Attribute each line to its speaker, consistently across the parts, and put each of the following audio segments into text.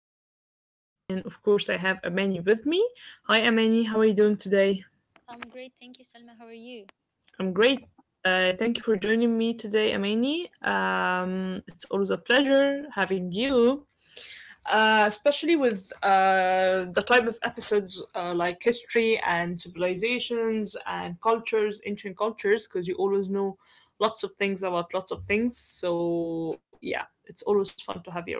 Speaker 1: host Salma, and of course, I have Amani with me. Hi, Amani, how are you doing today?
Speaker 2: I'm great, thank you, Salma. How are you?
Speaker 1: I'm great. Thank you for joining me today, Amani. It's always a pleasure having you, especially with the type of episodes like history and civilizations and cultures, ancient cultures, because you always know lots of things about lots of things. So, yeah, it's always fun to have you around.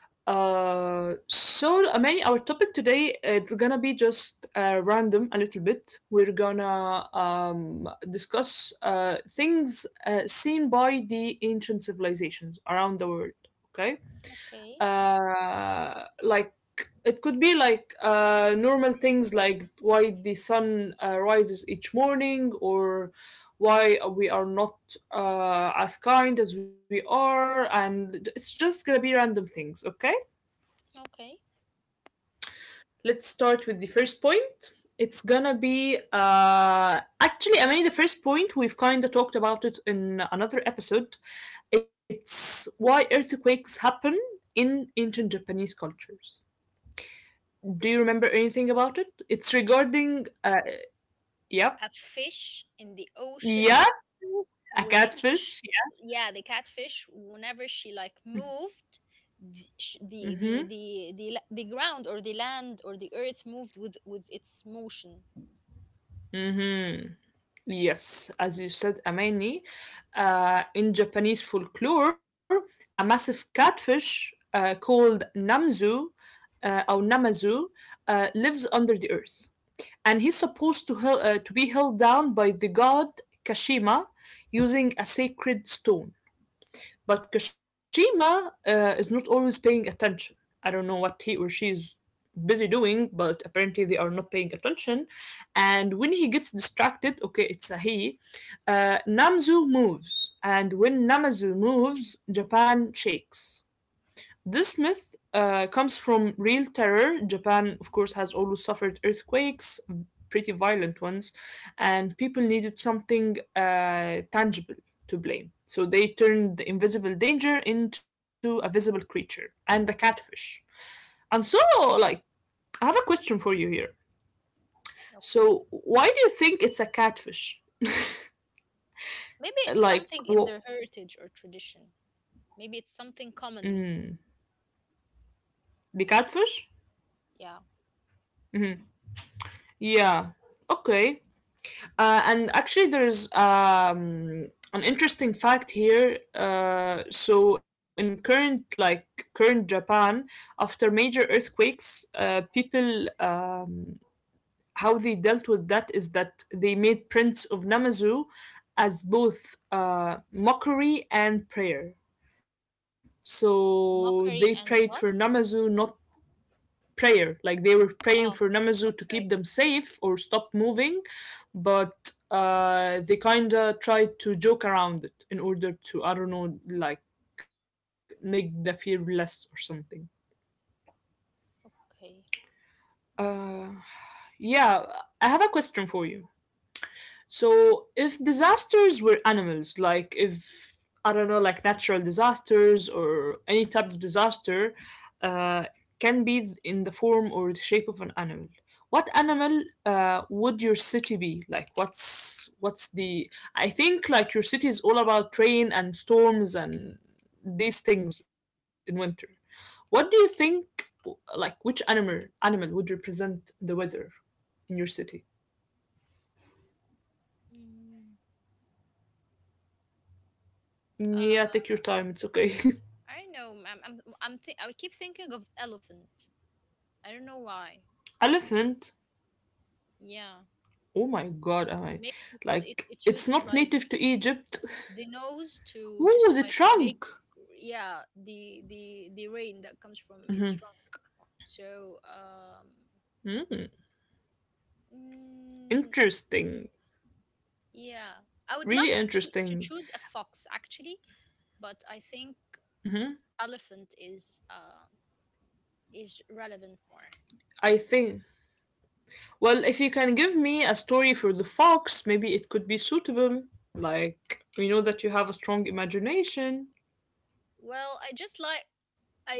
Speaker 1: So Amani, our topic today it's gonna be just random a little bit. We're gonna discuss things seen by the ancient civilizations around the world. Okay,
Speaker 2: Okay,
Speaker 1: like it could be like normal things like why the sun rises each morning, or why we are not as kind as we are, and it's just gonna be random things. Okay.
Speaker 2: okay.
Speaker 1: Let's start with the first point. It's gonna be actually, I mean, the first point we've kind of talked about it in another episode. It's why earthquakes happen in ancient Japanese cultures. Do you remember anything about it? It's regarding, yeah,
Speaker 2: A fish in the
Speaker 1: yeah,
Speaker 2: ocean,
Speaker 1: a catfish.
Speaker 2: which, yeah, the catfish, whenever she like moved,
Speaker 1: Yeah.
Speaker 2: th- sh-
Speaker 1: Mm-hmm.
Speaker 2: the the the the la- the ground or the land or the earth moved with its motion.
Speaker 1: Mm-hmm. Yes, as you said, Amani, in Japanese folklore, a massive catfish, called Namzu, or Namazu, lives under the earth. And he's supposed to be held down by the god Kashima using a sacred stone. But Kashima is not always paying attention. I don't know what he or she is busy doing, but apparently they are not paying attention. And when he gets distracted, okay, it's a he, Namzu moves. And when Namazu moves, Japan shakes. This myth comes from real terror. Japan, of course, has always suffered earthquakes, pretty violent ones, and people needed something tangible to blame. So they turned the invisible danger into a visible creature, and the catfish. I'm so like, I have a question for you here. So,
Speaker 2: Okay.
Speaker 1: why do you think it's a catfish?
Speaker 2: Maybe it's
Speaker 1: Like,
Speaker 2: something
Speaker 1: what?
Speaker 2: in their heritage or tradition. Maybe it's something
Speaker 1: Mm,
Speaker 2: common.
Speaker 1: the catfish?
Speaker 2: Yeah,
Speaker 1: Yeah. Okay. And actually, there's an interesting fact here. So in current Japan, after major earthquakes, people, how they dealt with that is that they made prints of Namazu as both mockery and prayer. So they prayed for
Speaker 2: mockery and
Speaker 1: Namazu
Speaker 2: what?
Speaker 1: not. Prayer. Like they were praying for
Speaker 2: Oh,
Speaker 1: Namazu to keep them
Speaker 2: okay,
Speaker 1: safe or stop moving, but they kinda tried to joke around it in order to, I don't know, like make the fear less or something.
Speaker 2: okay.
Speaker 1: Uh, yeah, I have a question for you. So if disasters were animals, like if I don't know, like natural disasters or any type of disaster, uh, can be in the form or the shape of an animal. What animal would your city be? Like what's the? I think like your city is all about rain and storms and these things in winter. What do you think? Like which animal would represent the weather in your city?
Speaker 2: Mm,
Speaker 1: Yeah, take your
Speaker 2: uh,
Speaker 1: time. It's okay.
Speaker 2: I don't know. I keep thinking of elephant. I don't know why.
Speaker 1: Elephant?
Speaker 2: Yeah.
Speaker 1: Oh my god, Am I
Speaker 2: Maybe because
Speaker 1: like
Speaker 2: it,
Speaker 1: it's
Speaker 2: it
Speaker 1: not
Speaker 2: uses
Speaker 1: native
Speaker 2: like
Speaker 1: to Egypt.
Speaker 2: the nose to
Speaker 1: Ooh, the
Speaker 2: just like
Speaker 1: trunk.
Speaker 2: make yeah, the rain that comes from its trunk. So, um
Speaker 1: Hmm?
Speaker 2: mm,
Speaker 1: Interesting.
Speaker 2: yeah. I would
Speaker 1: Really
Speaker 2: love to
Speaker 1: interesting.
Speaker 2: choose a fox actually, but I think elephant is relevant more.
Speaker 1: I think. Well, if you can give me a story for the fox, maybe it could be suitable. Like, we know that you have a strong imagination.
Speaker 2: Well, I just like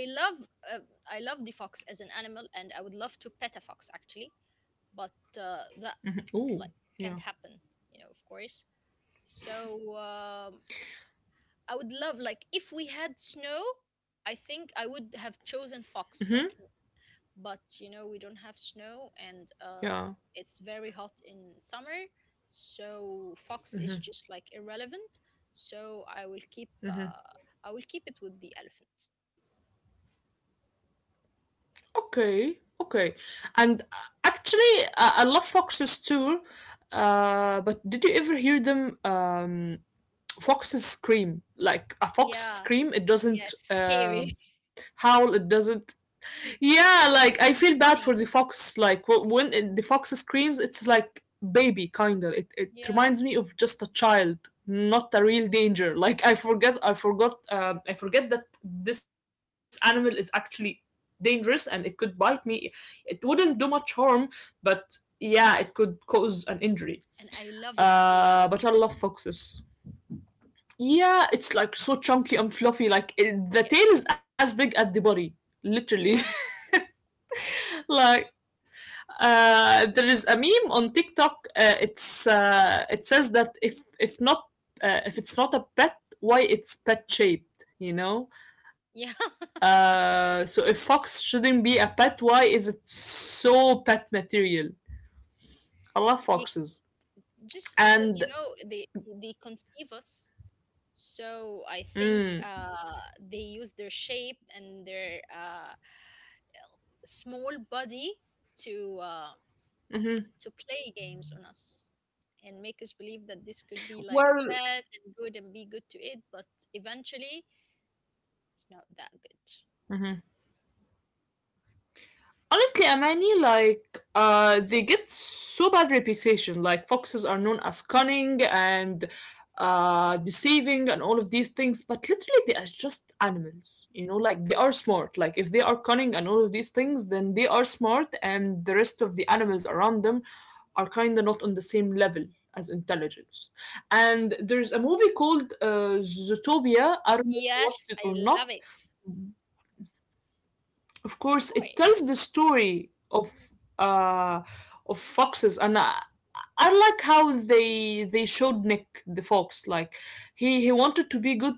Speaker 2: I love uh, I love the fox as an animal and I would love to pet a fox actually, but the
Speaker 1: Ooh,
Speaker 2: like
Speaker 1: yeah.
Speaker 2: can't happen, you know, of course, so I would love, like, if we had snow. I think I would have chosen fox, like, but you know we don't have snow, and
Speaker 1: Yeah.
Speaker 2: it's very hot in summer, so fox is just like irrelevant. So I will keep it with the elephant.
Speaker 1: Okay. Okay. And actually, I love foxes too. But did you ever hear them, foxes scream? Like a fox
Speaker 2: Yeah.
Speaker 1: scream, it doesn't
Speaker 2: Yeah, it's scary.
Speaker 1: howl, it doesn't. Yeah, like I feel bad
Speaker 2: It's
Speaker 1: for the
Speaker 2: funny.
Speaker 1: fox. Like when the fox screams, it's like baby kinda. It reminds
Speaker 2: Yeah.
Speaker 1: me of just a child, not a real danger. Like I forget that this animal is actually dangerous and it could bite me. It wouldn't do much harm, but yeah, it could cause an injury.
Speaker 2: And I love its tail.
Speaker 1: But I love foxes. Yeah, it's like so chunky and fluffy. Like the
Speaker 2: Yes,
Speaker 1: tail is as big as the body, literally.
Speaker 2: yes.
Speaker 1: Like, there is a meme on TikTok. It says that if not, if it's not a pet, why it's pet shaped? You know.
Speaker 2: Yeah,
Speaker 1: So if fox shouldn't be a pet, why is it so pet material? I love
Speaker 2: big,
Speaker 1: foxes.
Speaker 2: just because, you
Speaker 1: And
Speaker 2: know, they conceive us. So I think
Speaker 1: Mm.
Speaker 2: they use their shape and their small body to uh
Speaker 1: Hmm.
Speaker 2: to play games on us and make us believe that this could be like a
Speaker 1: Well.
Speaker 2: pet and good and be good to it, but eventually it's not that good.
Speaker 1: Mhm. Honestly, Amani, like, they get so bad reputation. Like, foxes are known as cunning and, deceiving, and all of these things, but literally, they are just animals. You know, like, they are smart. Like, if they are cunning and all of these things, then they are smart, and the rest of the animals around them are kind of not on the same level as intelligence. And there's a movie called, Zootopia. I don't know if you watched it
Speaker 2: Yes,
Speaker 1: or
Speaker 2: I
Speaker 1: not.
Speaker 2: love it, of
Speaker 1: Of course, it tells the
Speaker 2: course.
Speaker 1: story of, uh, of foxes, and I like how they showed Nick the fox. Like he wanted to be good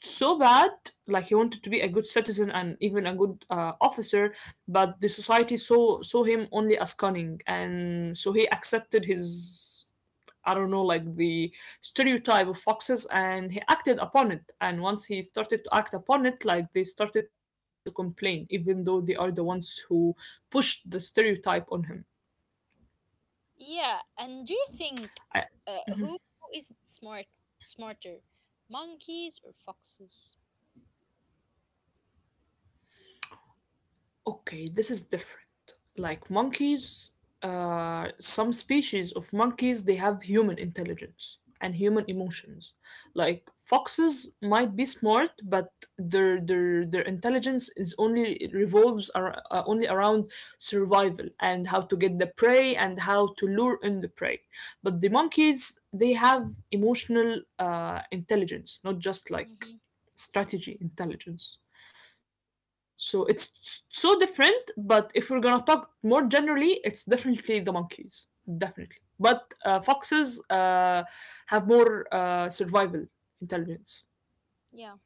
Speaker 1: so bad, like he wanted to be a good citizen and even a good, officer, but the society saw him only as cunning, and so he accepted his, I don't know, like the stereotype of foxes, and he acted upon it. And once he started to act upon it, like they started to complain, even though they are the ones who pushed the stereotype on him.
Speaker 2: Yeah. And do you think
Speaker 1: I,
Speaker 2: who is smart, smarter, monkeys or foxes?
Speaker 1: Okay, this is different. Like monkeys, some species of monkeys they have human intelligence and human emotions. Like foxes might be smart, but their intelligence is only, it revolves only around survival, and how to get the prey and how to lure in the prey. But the monkeys, they have emotional, intelligence, not just like
Speaker 2: Hmm.
Speaker 1: strategy intelligence. So it's so different, but if we're gonna talk more generally, it's definitely the monkeys, definitely. But foxes, have more, survival intelligence.
Speaker 2: Yeah.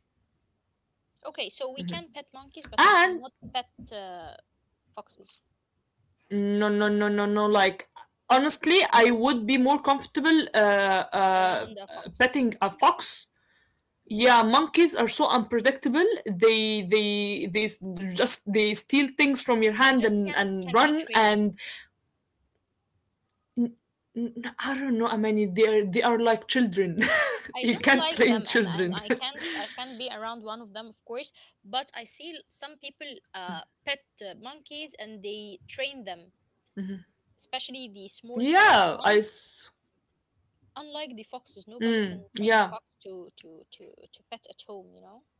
Speaker 2: Okay, so we can pet monkeys, but we
Speaker 1: And
Speaker 2: cannot pet foxes
Speaker 1: no, no, no, no, no. Like honestly, I would be more comfortable,
Speaker 2: around a fox.
Speaker 1: petting a fox. Yeah, monkeys are so unpredictable. They just they steal things from your
Speaker 2: They
Speaker 1: hand
Speaker 2: just
Speaker 1: and
Speaker 2: can
Speaker 1: and
Speaker 2: can be
Speaker 1: run, and
Speaker 2: trained.
Speaker 1: N- n- I don't know. I mean, they are like children.
Speaker 2: I
Speaker 1: You
Speaker 2: don't
Speaker 1: can't
Speaker 2: like
Speaker 1: train
Speaker 2: them, and
Speaker 1: children.
Speaker 2: I can't be around one of them, of course. But I see some people pet monkeys, and they train them, especially the small sized
Speaker 1: yeah, I.
Speaker 2: ones.
Speaker 1: s-
Speaker 2: Unlike the foxes, nobody can train a
Speaker 1: Yeah,
Speaker 2: fox to pet at home, you know.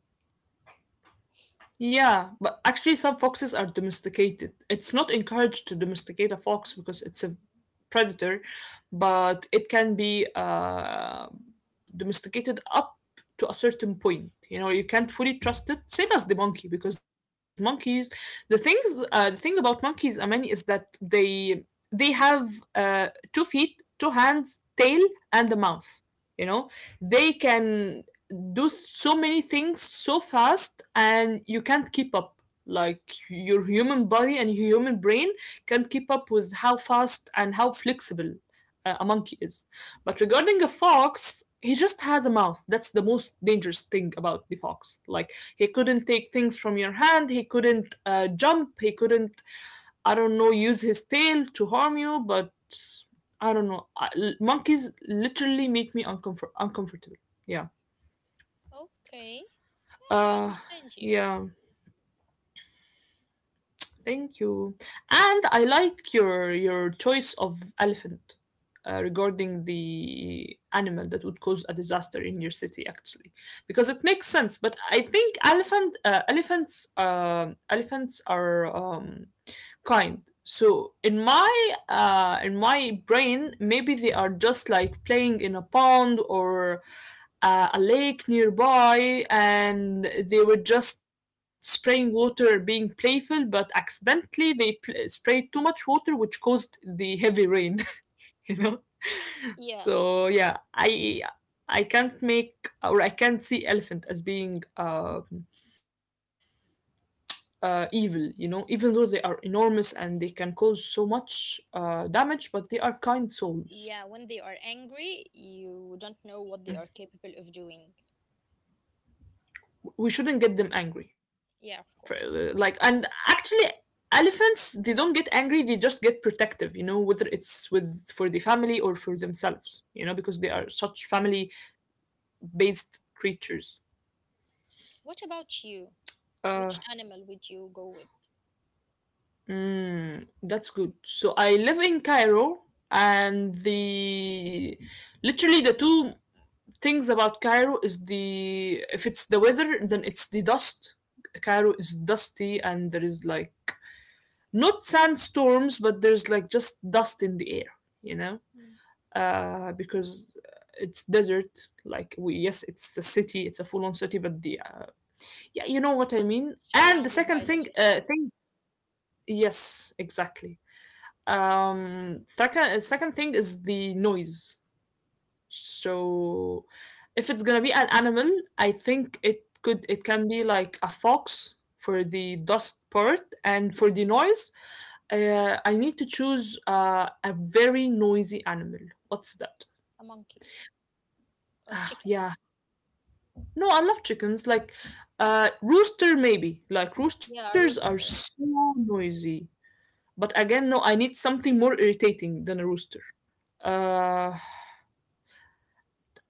Speaker 1: yeah. But actually, some foxes are domesticated. It's not encouraged to domesticate a fox because it's a predator, but it can be, domesticated up to a certain point. You know, you can't fully trust it. Same as the monkey, because monkeys, the thing about monkeys, I mean, is that they have, uh, two feet, two hands, tail, and a mouth. You know, they can do so many things so fast, and you can't keep up. Like your human body and your human brain can't keep up with how fast and how flexible a monkey is. But regarding a fox, he just has a mouth. That's the most dangerous thing about the fox. Like he couldn't take things from your hand. He couldn't, jump. He couldn't, I don't know, use his tail to harm you. But I don't know. Monkeys literally make me uncomfortable. Yeah.
Speaker 2: Okay, yeah, I
Speaker 1: Uh,
Speaker 2: understand you.
Speaker 1: yeah. Thank you. And I like your choice of elephant, regarding the animal that would cause a disaster in your city, actually, because it makes sense. But I think elephants are, kind. So in my brain, maybe they are just like playing in a pond or, a lake nearby, and they were just spraying water, being playful. But accidentally, they sprayed too much water, which caused the heavy rain. You know,
Speaker 2: Yeah.
Speaker 1: so yeah, I can't make, or I can't see elephant as being. Evil, you know, even though they are enormous and they can cause so much, damage, but they are kind souls.
Speaker 2: Yeah, when they are angry, you don't know what they are capable of doing.
Speaker 1: We shouldn't get them angry.
Speaker 2: Yeah, of course.
Speaker 1: Like, and actually, elephants, they don't get angry, they just get protective, you know, whether it's with for the family or for themselves, you know, because they are such family based creatures.
Speaker 2: What about you?
Speaker 1: Uh,
Speaker 2: Which animal would you go with?
Speaker 1: that's good. So I live in Cairo, and the literally the two things about Cairo is, the if it's the weather, then it's the dust. Cairo is dusty, and there is like not sandstorms, but there's like just dust in the air, you know,
Speaker 2: Mm.
Speaker 1: because it's desert. Like yes, it's a city, it's a full-on city, but the yeah, you know what I mean. And the
Speaker 2: Surrounded
Speaker 1: second
Speaker 2: by
Speaker 1: thing,
Speaker 2: desert.
Speaker 1: yes, exactly. Second thing is the noise. So if it's gonna be an animal, I think it can be like a fox for the dust part, and for the noise. I need to choose, a very noisy animal. What's that?
Speaker 2: A monkey or chicken.
Speaker 1: Yeah. No, I love chickens. Like, rooster maybe. Like roosters
Speaker 2: Yeah, a
Speaker 1: are
Speaker 2: rooster.
Speaker 1: so noisy. But again, no, I need something more irritating than a rooster. Uh,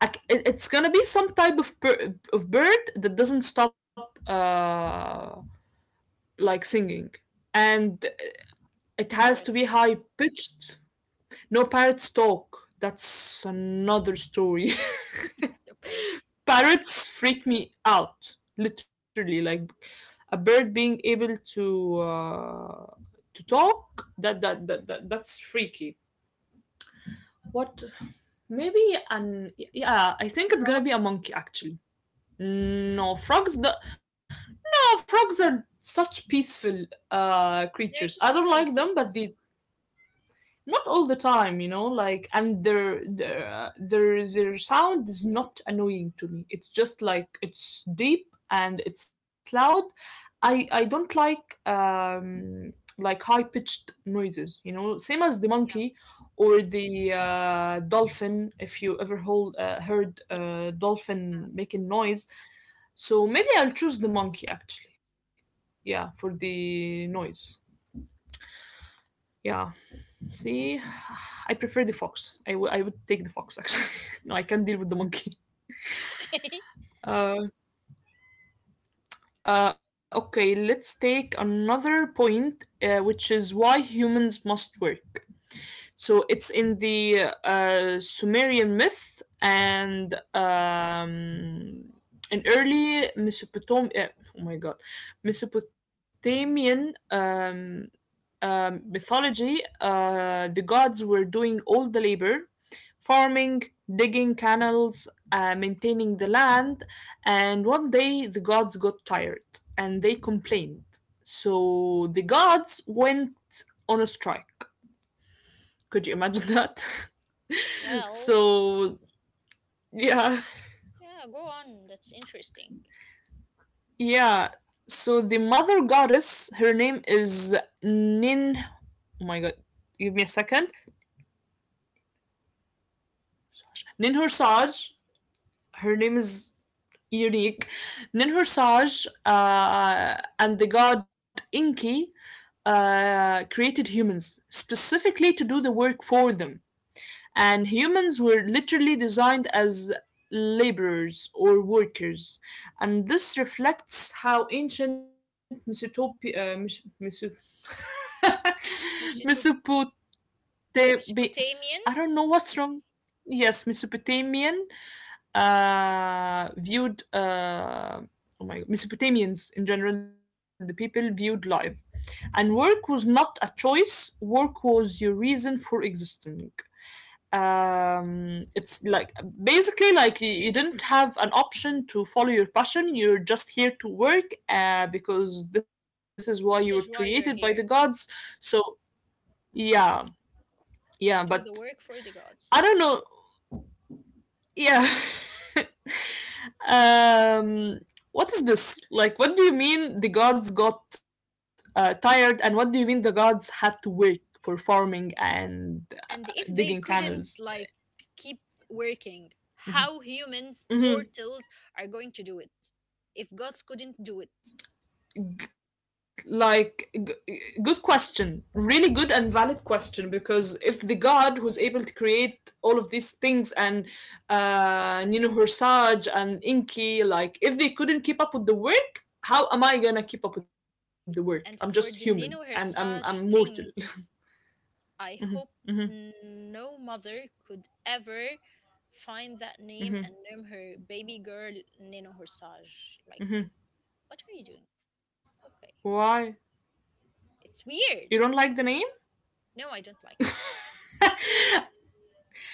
Speaker 1: it's gonna be some type of bird that doesn't stop like singing and it has to
Speaker 2: Parrot.
Speaker 1: be high pitched. No, parrots talk. That's another story.
Speaker 2: Okay.
Speaker 1: Parrots freak me out, literally, like a bird being able uh to talk, that's freaky. What, maybe an yeah, I think it's gonna
Speaker 2: Frog.
Speaker 1: be a monkey actually. No, frogs oh, frogs are such peaceful creatures. I
Speaker 2: They're
Speaker 1: don't
Speaker 2: just
Speaker 1: like them, but
Speaker 2: noisy.
Speaker 1: they not all the time, you know, like. And their sound is not annoying to me. It's just like it's deep and it's loud. I don't like high pitched noises, you know, same as the
Speaker 2: Yeah.
Speaker 1: monkey or the dolphin. If you ever heard
Speaker 2: Yeah.
Speaker 1: dolphin making noise. So maybe I'll choose the monkey actually, yeah, for the noise. Yeah. See, I prefer the fox. I would take the fox actually. No, I can't deal with the monkey.
Speaker 2: Okay.
Speaker 1: Uh, okay, let's take another point, which is why humans must work. So it's in the Sumerian myth and an early oh my god, Mesopotamian mythology. Uh, the gods were doing all the labor: farming, digging canals, maintaining the land. And one day the gods got tired and they complained. So the gods went on a strike. Could you imagine that?
Speaker 2: Well,
Speaker 1: So, yeah,
Speaker 2: yeah, go on. That's interesting.
Speaker 1: yeah. So the mother goddess, her name is Nin. Oh my god, give me a second. Ninhursag, her name is unique. Ninhur Saj, and the god Inki created humans specifically to do the work for them. And humans were literally designed as laborers or workers. And this reflects how ancient Mesopotami- Mes- Meso- Mesopotamia.
Speaker 2: Mesoto-
Speaker 1: I don't
Speaker 2: Mesopotamian.
Speaker 1: know what's wrong. Yes, Mesopotamian, viewed, oh my God, Mesopotamians in general, the people viewed life, and work was not a choice. Work was your reason for existing. It's like basically like you didn't have an option to follow your passion. You're just here to work because this is why
Speaker 2: This
Speaker 1: you
Speaker 2: is
Speaker 1: were
Speaker 2: why you're
Speaker 1: created by
Speaker 2: here
Speaker 1: the gods. So yeah,
Speaker 2: to do the
Speaker 1: yeah, but
Speaker 2: work for the gods.
Speaker 1: I don't know. Yeah. Um, what is this? Like, what do you mean the gods got, tired, and what do you mean the gods had to work for farming and
Speaker 2: And
Speaker 1: uh,
Speaker 2: if they
Speaker 1: digging
Speaker 2: couldn't, like,
Speaker 1: canals?
Speaker 2: keep working, how humans, mortals,
Speaker 1: Hmm.
Speaker 2: are going to do it if gods couldn't do it?
Speaker 1: Like, g- Good question. Really good and valid question, because if the god who's able to create all of these things and, Nino Hursaj and Inki, like, if they couldn't keep up with the work, how am I gonna keep up with the work? I'm
Speaker 2: And
Speaker 1: just
Speaker 2: for the
Speaker 1: human
Speaker 2: Nino
Speaker 1: and I'm
Speaker 2: Hersage
Speaker 1: mortal.
Speaker 2: thing, I
Speaker 1: Mm-hmm,
Speaker 2: hope
Speaker 1: mm-hmm,
Speaker 2: n- no mother could ever find that name and
Speaker 1: mm-hmm,
Speaker 2: name her baby girl Nino Hersage. Like,
Speaker 1: mm-hmm.
Speaker 2: what are you doing? Okay,
Speaker 1: Why?
Speaker 2: it's
Speaker 1: You don't
Speaker 2: weird.
Speaker 1: like the name?
Speaker 2: No, I don't like it.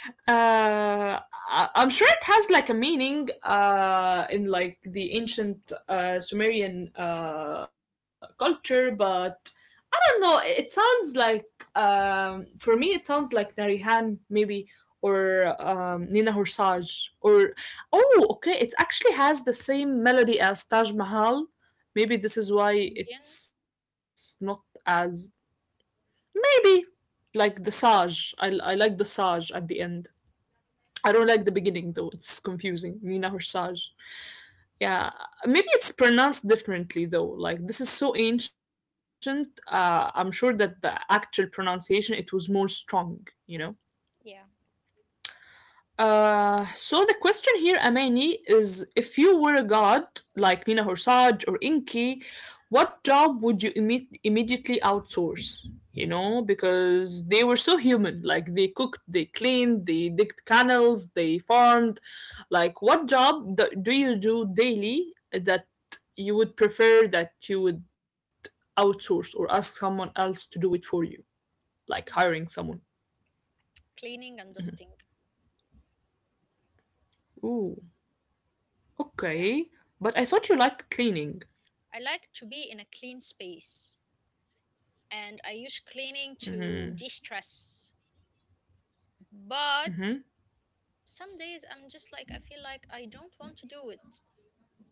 Speaker 1: Uh, I'm sure it has like a meaning, in like the ancient, Sumerian, culture, but I don't know. It sounds like, for me, it sounds like Narihan maybe or, Nina Horsage or oh, okay. It actually has the same melody as Taj Mahal. Maybe this is why
Speaker 2: Indian.
Speaker 1: it's not as. Maybe like the Saj. I like the Saj at the end. I don't like the beginning though. It's confusing. Nina Horsaj. Yeah, maybe it's pronounced differently though. Like this is so ancient. I'm sure that the actual pronunciation it was more strong. You know.
Speaker 2: Yeah,
Speaker 1: So the question here, Amani, is if you were a god like Nina Horsage or Inky, what job would you immediately outsource? You know, because they were so human. Like they cooked, they cleaned, they digged canals, they farmed. Like, what job do you do daily that you would outsource or ask someone else to do it for you, like hiring someone?
Speaker 2: cleaning and dusting.
Speaker 1: Ooh,
Speaker 2: Yeah,
Speaker 1: okay. But I thought you liked cleaning.
Speaker 2: I like to be in a clean space, and I use cleaning to de stress. But some days I'm just like, I feel like I don't want to do it.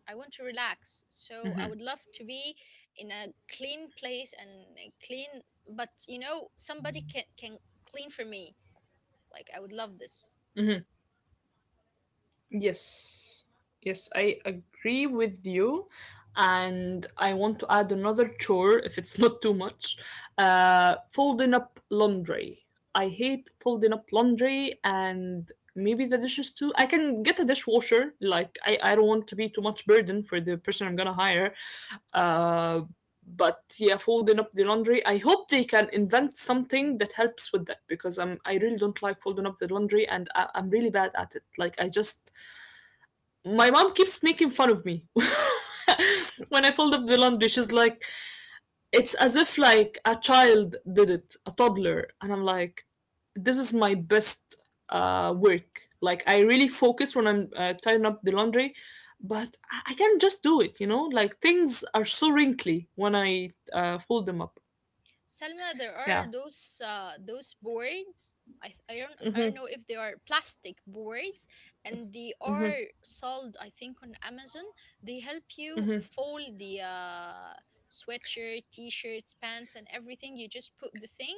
Speaker 2: I want to relax. So I would love to be in a clean place and a clean, but you know, somebody can clean for me. Like, I would love this.
Speaker 1: Yes, yes, I agree with you. And I want to add another chore if it's not too much. Folding up laundry. I hate folding up laundry, and maybe the dishes too. I can get a dishwasher. Like, I don't want to be too much burden for the person I'm gonna hire. Uh, but yeah, folding up the laundry, I hope they can invent something that helps with that, because, I really don't like folding up the laundry, and I'm really bad at it. Like I just, my mom keeps making fun of me when I fold up the laundry. She's like, it's as if like a child did it, a toddler, and I'm like, this is my best, work. Like I really focus when I'm, tying up the laundry, but I can just do it. You know, like things are so wrinkly when I, fold them up.
Speaker 2: Selma, there are
Speaker 1: Yeah,
Speaker 2: those boards. I don't know if they are plastic boards, and they are sold, I think, on Amazon. They help you fold the sweatshirt, t-shirts, pants, and everything. You just put the thing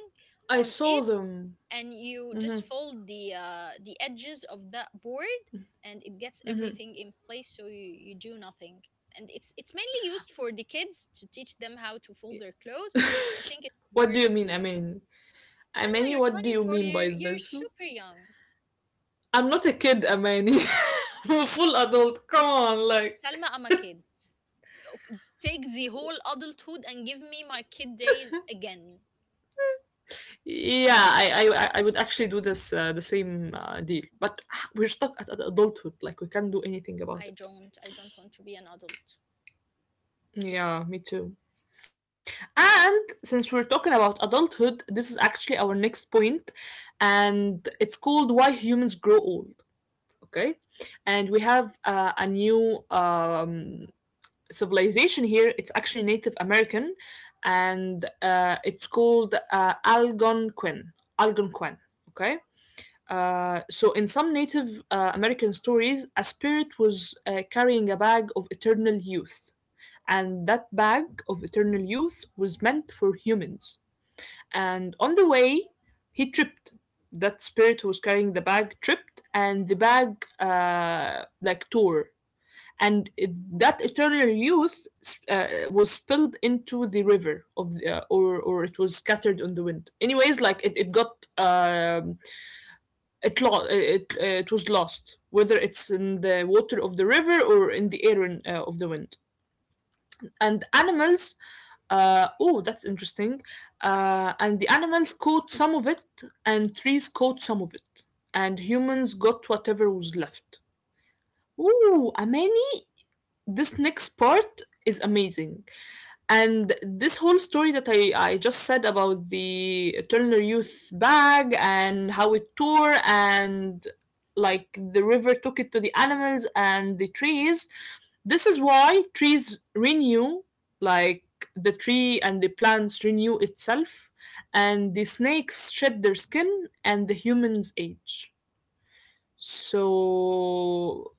Speaker 1: I
Speaker 2: on
Speaker 1: saw
Speaker 2: it,
Speaker 1: them.
Speaker 2: and you just fold the edges of that board, and it gets everything in place, so you do nothing, and it's mainly used for the kids to teach them how to fold their clothes, but I think it would
Speaker 1: What
Speaker 2: work
Speaker 1: do you
Speaker 2: for
Speaker 1: mean,
Speaker 2: you.
Speaker 1: Amani?
Speaker 2: Salma
Speaker 1: Amani,
Speaker 2: you're
Speaker 1: what do you
Speaker 2: 24,
Speaker 1: mean by
Speaker 2: you're
Speaker 1: this?
Speaker 2: super young.
Speaker 1: I'm not a kid, Amani. I'm a full adult. Come on, like.
Speaker 2: Salma I'm a kid. Ok- take the whole adulthood and give me my kid days again.
Speaker 1: Yeah, I would actually do this, the same, deal, but ah, we're stuck at adulthood. Like we can't do anything
Speaker 2: I
Speaker 1: about it.
Speaker 2: don't, I don't want to be an adult.
Speaker 1: Yeah, me too. And since we're talking about adulthood, this is actually our next point, and it's called "Why Humans Grow Old." Okay, and we have, a new, civilization here. It's actually Native American, and, it's called, Algonquin. Algonquin. Okay. So in some Native, American stories, a spirit was, carrying a bag of eternal youth, and that bag of eternal youth was meant for humans. And on the way, he tripped. That spirit who was carrying the bag tripped, and the bag, like tore. And that eternal youth, was spilled into the river of or it was scattered on the wind. Anyways, like it got, um, it was lost, whether it's in the water of the river or in the air of the wind. And animals, oh, that's interesting. And the animals caught some of it, and trees caught some of it, and humans got whatever was left. Ooh, Amani, this next part is amazing. And this whole story that I just said about the Turner Youth bag and how it tore and like the river took it to the animals and the trees, this is why trees renew, like the tree and the plants renew itself, and the snakes shed their skin and the humans age. So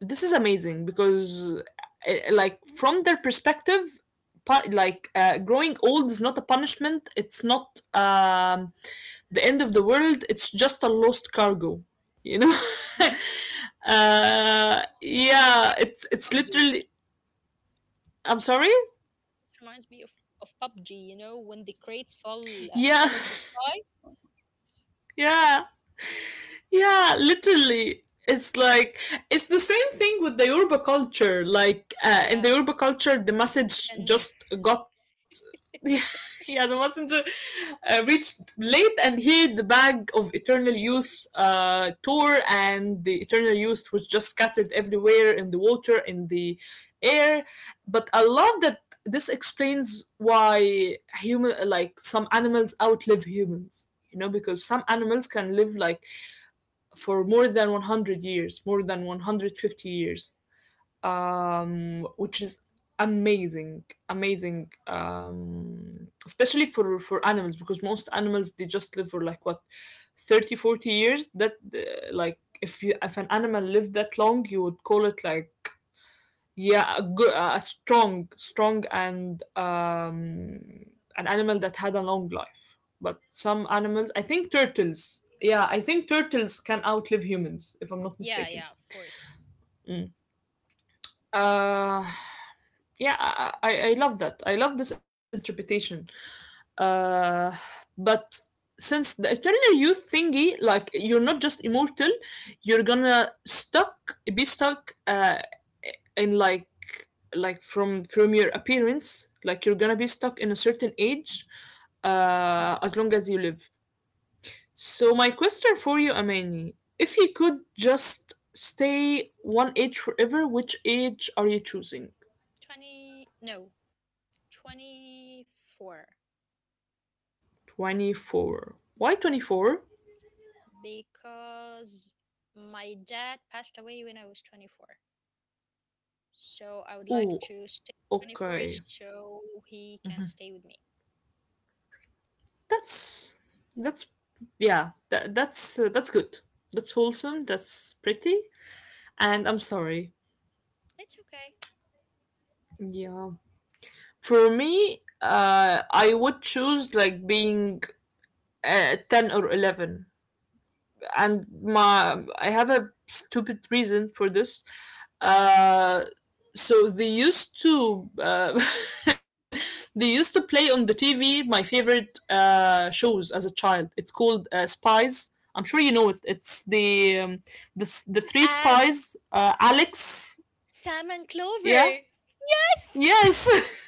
Speaker 1: this is amazing because, like from their perspective, like, growing old is not a punishment. It's not, the end of the world. It's just a lost cargo, you know. Uh,
Speaker 2: It's
Speaker 1: yeah,
Speaker 2: reminds me
Speaker 1: it's literally, I'm sorry.
Speaker 2: It reminds me of PUBG, you know, when the crates fall
Speaker 1: Yeah.
Speaker 2: fell off the sky.
Speaker 1: Yeah. Yeah, literally. It's like it's the same thing with the Yoruba culture. Like, in the
Speaker 2: Yeah,
Speaker 1: Yoruba culture, the
Speaker 2: the
Speaker 1: message
Speaker 2: messenger.
Speaker 1: just got yeah, the messenger, reached late and he the bag of eternal youth, tour, and the eternal youth was just scattered everywhere in the water, in the air. But I love that this explains why human like some animals outlive humans. You know, because some animals can live like for more than 100 years, more than 150 years, which is amazing, amazing, especially for animals, because most animals, they just live for like, what, 30 or 40 years? That, like, if you, if an animal lived that long, you would call it like yeah a good a strong and an animal that had a long life. But some animals, I think turtles, yeah, I think turtles can outlive humans if I'm not
Speaker 2: Yeah,
Speaker 1: mistaken.
Speaker 2: yeah, of course.
Speaker 1: Mm. Uh, yeah, I love that. I love this interpretation. Uh, but since the eternal youth thingy, like you're not just immortal, you're gonna stuck be stuck, in like from your appearance, like you're gonna be stuck in a certain age, as long as you live. So my question for you, Amani, if you could just stay one age forever, which age are you choosing?
Speaker 2: 20, no, 24.
Speaker 1: 24, why 24?
Speaker 2: Because my dad passed away when I was 24. So I would like
Speaker 1: Oh,
Speaker 2: to stay 24
Speaker 1: okay.
Speaker 2: so he can stay with me.
Speaker 1: That's that's yeah, that's, that's good. That's wholesome, that's pretty, and I'm sorry.
Speaker 2: It's okay.
Speaker 1: Yeah. For me, uh, I would choose like being, 10 or 11, and my I have a stupid reason for this. Uh, so they used to, they used to play on the TV my favorite, shows as a child. It's called, Spies. I'm sure you know it. It's the, the three
Speaker 2: And
Speaker 1: spies.
Speaker 2: s-
Speaker 1: Alex.
Speaker 2: Sam and
Speaker 1: Yeah.
Speaker 2: Clover. Yes!
Speaker 1: Yes.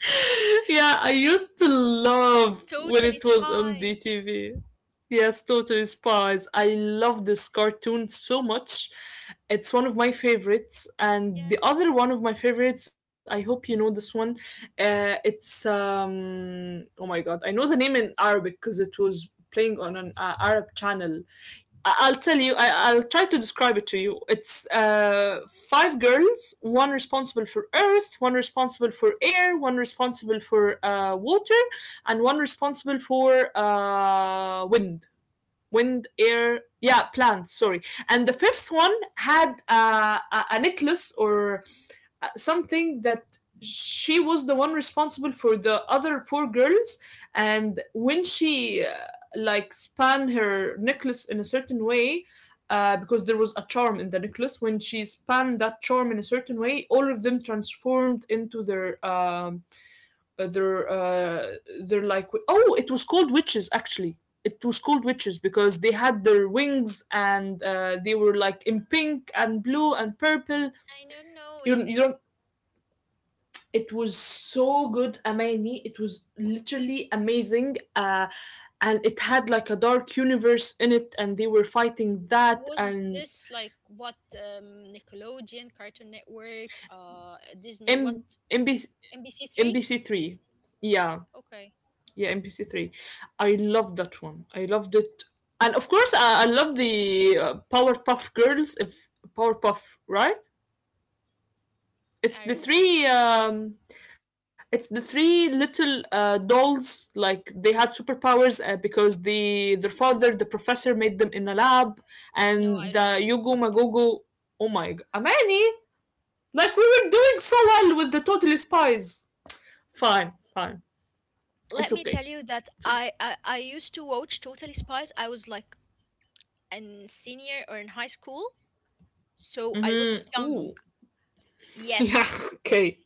Speaker 1: Yeah, I used to love when
Speaker 2: Totally
Speaker 1: it was on
Speaker 2: Spies.
Speaker 1: DTV. Yes, Totally Spies. I love this cartoon so much. It's one of my favorites. And the
Speaker 2: Yes,
Speaker 1: other one of my favorites, I hope you know this one. Oh my God, I know the name in Arabic because it was playing on an Arab channel. Will tell you. I'll try to describe it to you. It's five girls, one responsible for earth, one responsible for air, one responsible for water, and one responsible for wind, wind, air. Yeah, plants. Sorry. And the fifth one had a necklace or something that she was the one responsible for the other four girls. And when she like span her necklace in a certain way, because there was a charm in the necklace, when she span that charm in a certain way, all of them transformed into uh, their uh their like, oh, it was called witches actually. It was called witches because they had their wings and they were like in pink and blue and purple.
Speaker 2: I don't know it.
Speaker 1: You don't. It was so good, Amani. It was literally amazing. And it had like a dark universe in it, and they were fighting that.
Speaker 2: Was
Speaker 1: And
Speaker 2: this like what, Nickelodeon, Cartoon Network, Disney, what?
Speaker 1: M- MBC-
Speaker 2: NBC Three?
Speaker 1: MBC3. Yeah,
Speaker 2: Okay,
Speaker 1: yeah, MBC3. I loved that one. I loved it. And of course, I love the Powerpuff Girls, if Powerpuff, right? It's
Speaker 2: I
Speaker 1: the
Speaker 2: don't know.
Speaker 1: three. It's the three little dolls. Like they had superpowers because their father, the professor, made them in a lab.
Speaker 2: No,
Speaker 1: And
Speaker 2: I don't
Speaker 1: the
Speaker 2: know them.
Speaker 1: Yugo Magogo. Oh my God, Amani! Like we were doing so well with the Totally Spies. Fine, fine.
Speaker 2: Let
Speaker 1: It's
Speaker 2: me
Speaker 1: okay.
Speaker 2: tell you that
Speaker 1: It's okay.
Speaker 2: I used to watch Totally Spies. I was like in senior or in high school, so I wasn't
Speaker 1: Mm-hmm.
Speaker 2: young.
Speaker 1: Ooh. yeah.
Speaker 2: Yes,
Speaker 1: Okay.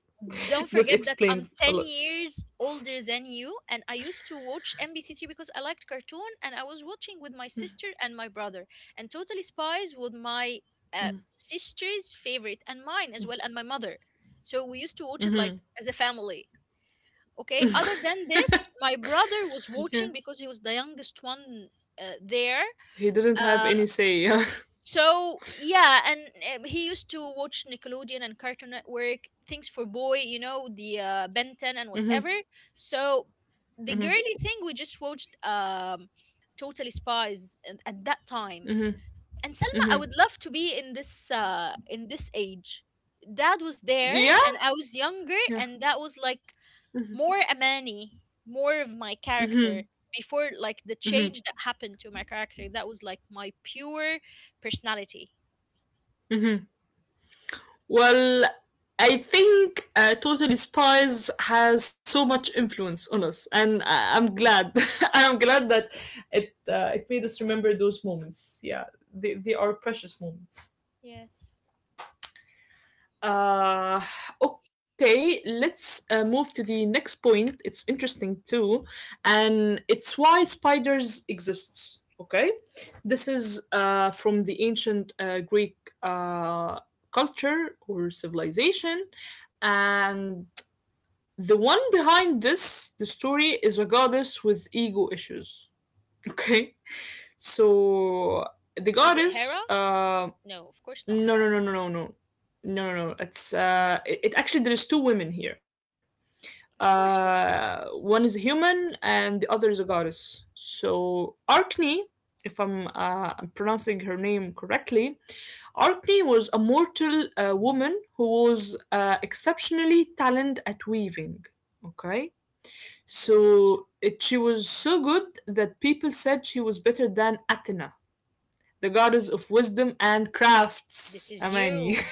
Speaker 2: don't
Speaker 1: This
Speaker 2: forget that I'm
Speaker 1: explains a
Speaker 2: 10
Speaker 1: lot.
Speaker 2: years older than you, and I used to watch MBC3 because I liked cartoon, and I was watching with my sister and my brother, and Totally Spies with my uh, sister's favorite and mine as well, and my mother. So we used to watch it like as a family. Okay, other than this, my brother was
Speaker 1: Yeah.
Speaker 2: watching because he was the youngest one there.
Speaker 1: He didn't have
Speaker 2: uh,
Speaker 1: any say. Yeah.
Speaker 2: so yeah, and he used to watch Nickelodeon and Cartoon Network, things for boy, you know, the Ben 10 and whatever. So the
Speaker 1: Mhm.
Speaker 2: girly thing we just watched, Totally Spies, and at that time. And Selma, I would love to be in this age. Dad was there
Speaker 1: Yeah.
Speaker 2: and I was younger,
Speaker 1: Yeah.
Speaker 2: and that was like more Amani, more of my character before like the
Speaker 1: Hmm.
Speaker 2: change that happened to my character. That was like my pure personality.
Speaker 1: Well, I think Total Spies has so much influence on us, and I'm glad. I'm glad that it made us remember those moments. Yeah, they are precious moments.
Speaker 2: Yes.
Speaker 1: Uh, okay, let's move to the next point. It's interesting too, and it's why spiders exists. Okay, this is from the ancient Greek uh, culture or civilization, and the one behind this, the story, is a goddess with ego issues. Okay, so the
Speaker 2: Is it
Speaker 1: goddess
Speaker 2: Hera?
Speaker 1: um
Speaker 2: No, of course not
Speaker 1: no,
Speaker 2: Hera.
Speaker 1: no, no, no, no, no, no, no, no. It's it actually there is two women here.
Speaker 2: Of course, women.
Speaker 1: One is a human and the other is a goddess. So Arkney, if I'm pronouncing her name correctly, Arkney was a mortal woman who was exceptionally talented at weaving. Okay,
Speaker 2: Good.
Speaker 1: so she was so good that people said she was better than Athena, the goddess of wisdom and
Speaker 2: This
Speaker 1: crafts.
Speaker 2: is
Speaker 1: Amani.
Speaker 2: you.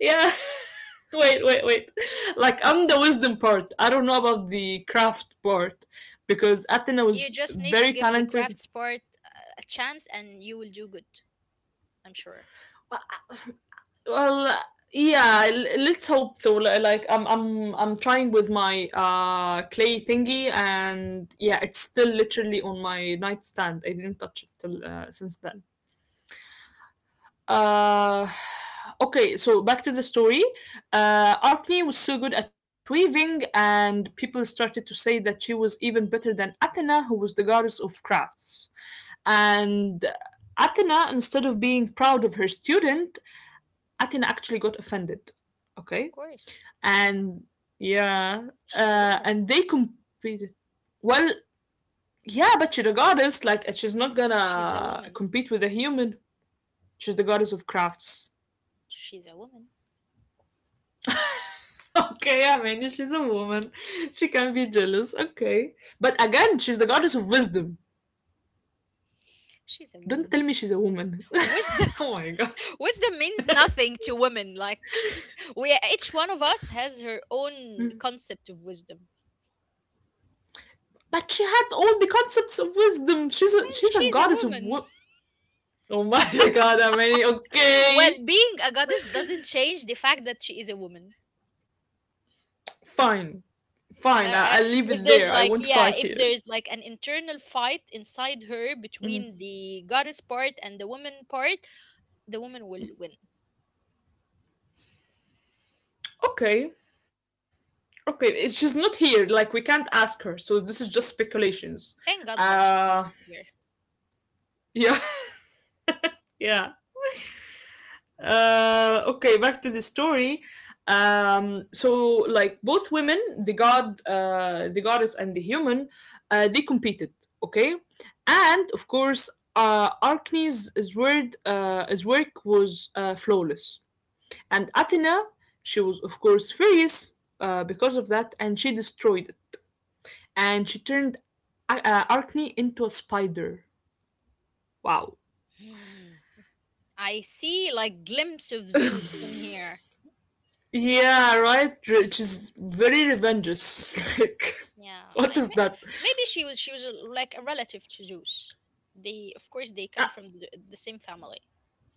Speaker 1: Yeah. Wait. Like I'm the wisdom part. I don't know about the craft part, because Athena
Speaker 2: You
Speaker 1: was
Speaker 2: just need to
Speaker 1: very
Speaker 2: give the
Speaker 1: talented.
Speaker 2: crafts part a chance and you will do good, I'm sure.
Speaker 1: Well, yeah. Let's hope though. Like I'm trying with my clay thingy, and yeah, it's still literally on my nightstand. I didn't touch it till since then. Uh, okay, so back to the story. Arachne was so good at weaving, and people started to say that she was even better than Athena, who was the goddess of crafts. And Athena, instead of being proud of her student, Athena actually got offended.
Speaker 2: Of
Speaker 1: Okay,
Speaker 2: course.
Speaker 1: and yeah,
Speaker 2: She's a woman.
Speaker 1: and they competed. Well, yeah, but she's a goddess. Like, she's not
Speaker 2: She's a
Speaker 1: gonna
Speaker 2: woman.
Speaker 1: compete with a human. She's the goddess of crafts.
Speaker 2: She's a woman.
Speaker 1: Okay, I mean, she's a woman. She can be jealous. Okay. But again, she's the goddess of wisdom.
Speaker 2: She's a
Speaker 1: Don't
Speaker 2: woman.
Speaker 1: tell me she's a woman.
Speaker 2: Wisdom.
Speaker 1: oh my God.
Speaker 2: Wisdom means nothing to women. Like, we, each one of us, has her own
Speaker 1: Mm.
Speaker 2: concept of wisdom.
Speaker 1: But she had all the concepts of wisdom.
Speaker 2: And
Speaker 1: She's a
Speaker 2: she's a
Speaker 1: goddess of
Speaker 2: woman.
Speaker 1: Oh my god, I mean,
Speaker 2: Well,
Speaker 1: okay.
Speaker 2: being a goddess doesn't change the fact that she is a woman.
Speaker 1: Fine.
Speaker 2: And
Speaker 1: Fine.
Speaker 2: I, I,
Speaker 1: I'll leave
Speaker 2: if
Speaker 1: it
Speaker 2: there's
Speaker 1: there. I
Speaker 2: like,
Speaker 1: won't
Speaker 2: yeah,
Speaker 1: fight
Speaker 2: if
Speaker 1: here.
Speaker 2: there's like an internal fight inside her between
Speaker 1: Mhm.
Speaker 2: the goddess part and the woman part, the woman will win.
Speaker 1: Okay. Okay. It- She's not here. Like, we can't ask her. So this is just speculations.
Speaker 2: Thank God that she's
Speaker 1: Uh.
Speaker 2: not here.
Speaker 1: Yeah. Yeah. Okay, back to the story. So, like both women, the goddess, and the human, they competed. Okay, and of course, his work was flawless, and Athena, she was of course furious because of that, and she destroyed it, and she turned Arachne into a spider. Wow.
Speaker 2: Hmm. I see like glimpse of Zeus in here.
Speaker 1: Yeah, right. Which is very revengeous. Like,
Speaker 2: Yeah,
Speaker 1: what
Speaker 2: I
Speaker 1: is
Speaker 2: may,
Speaker 1: that?
Speaker 2: maybe she was a, like a relative to Zeus. They, of course, they come
Speaker 1: Ah,
Speaker 2: from the same family,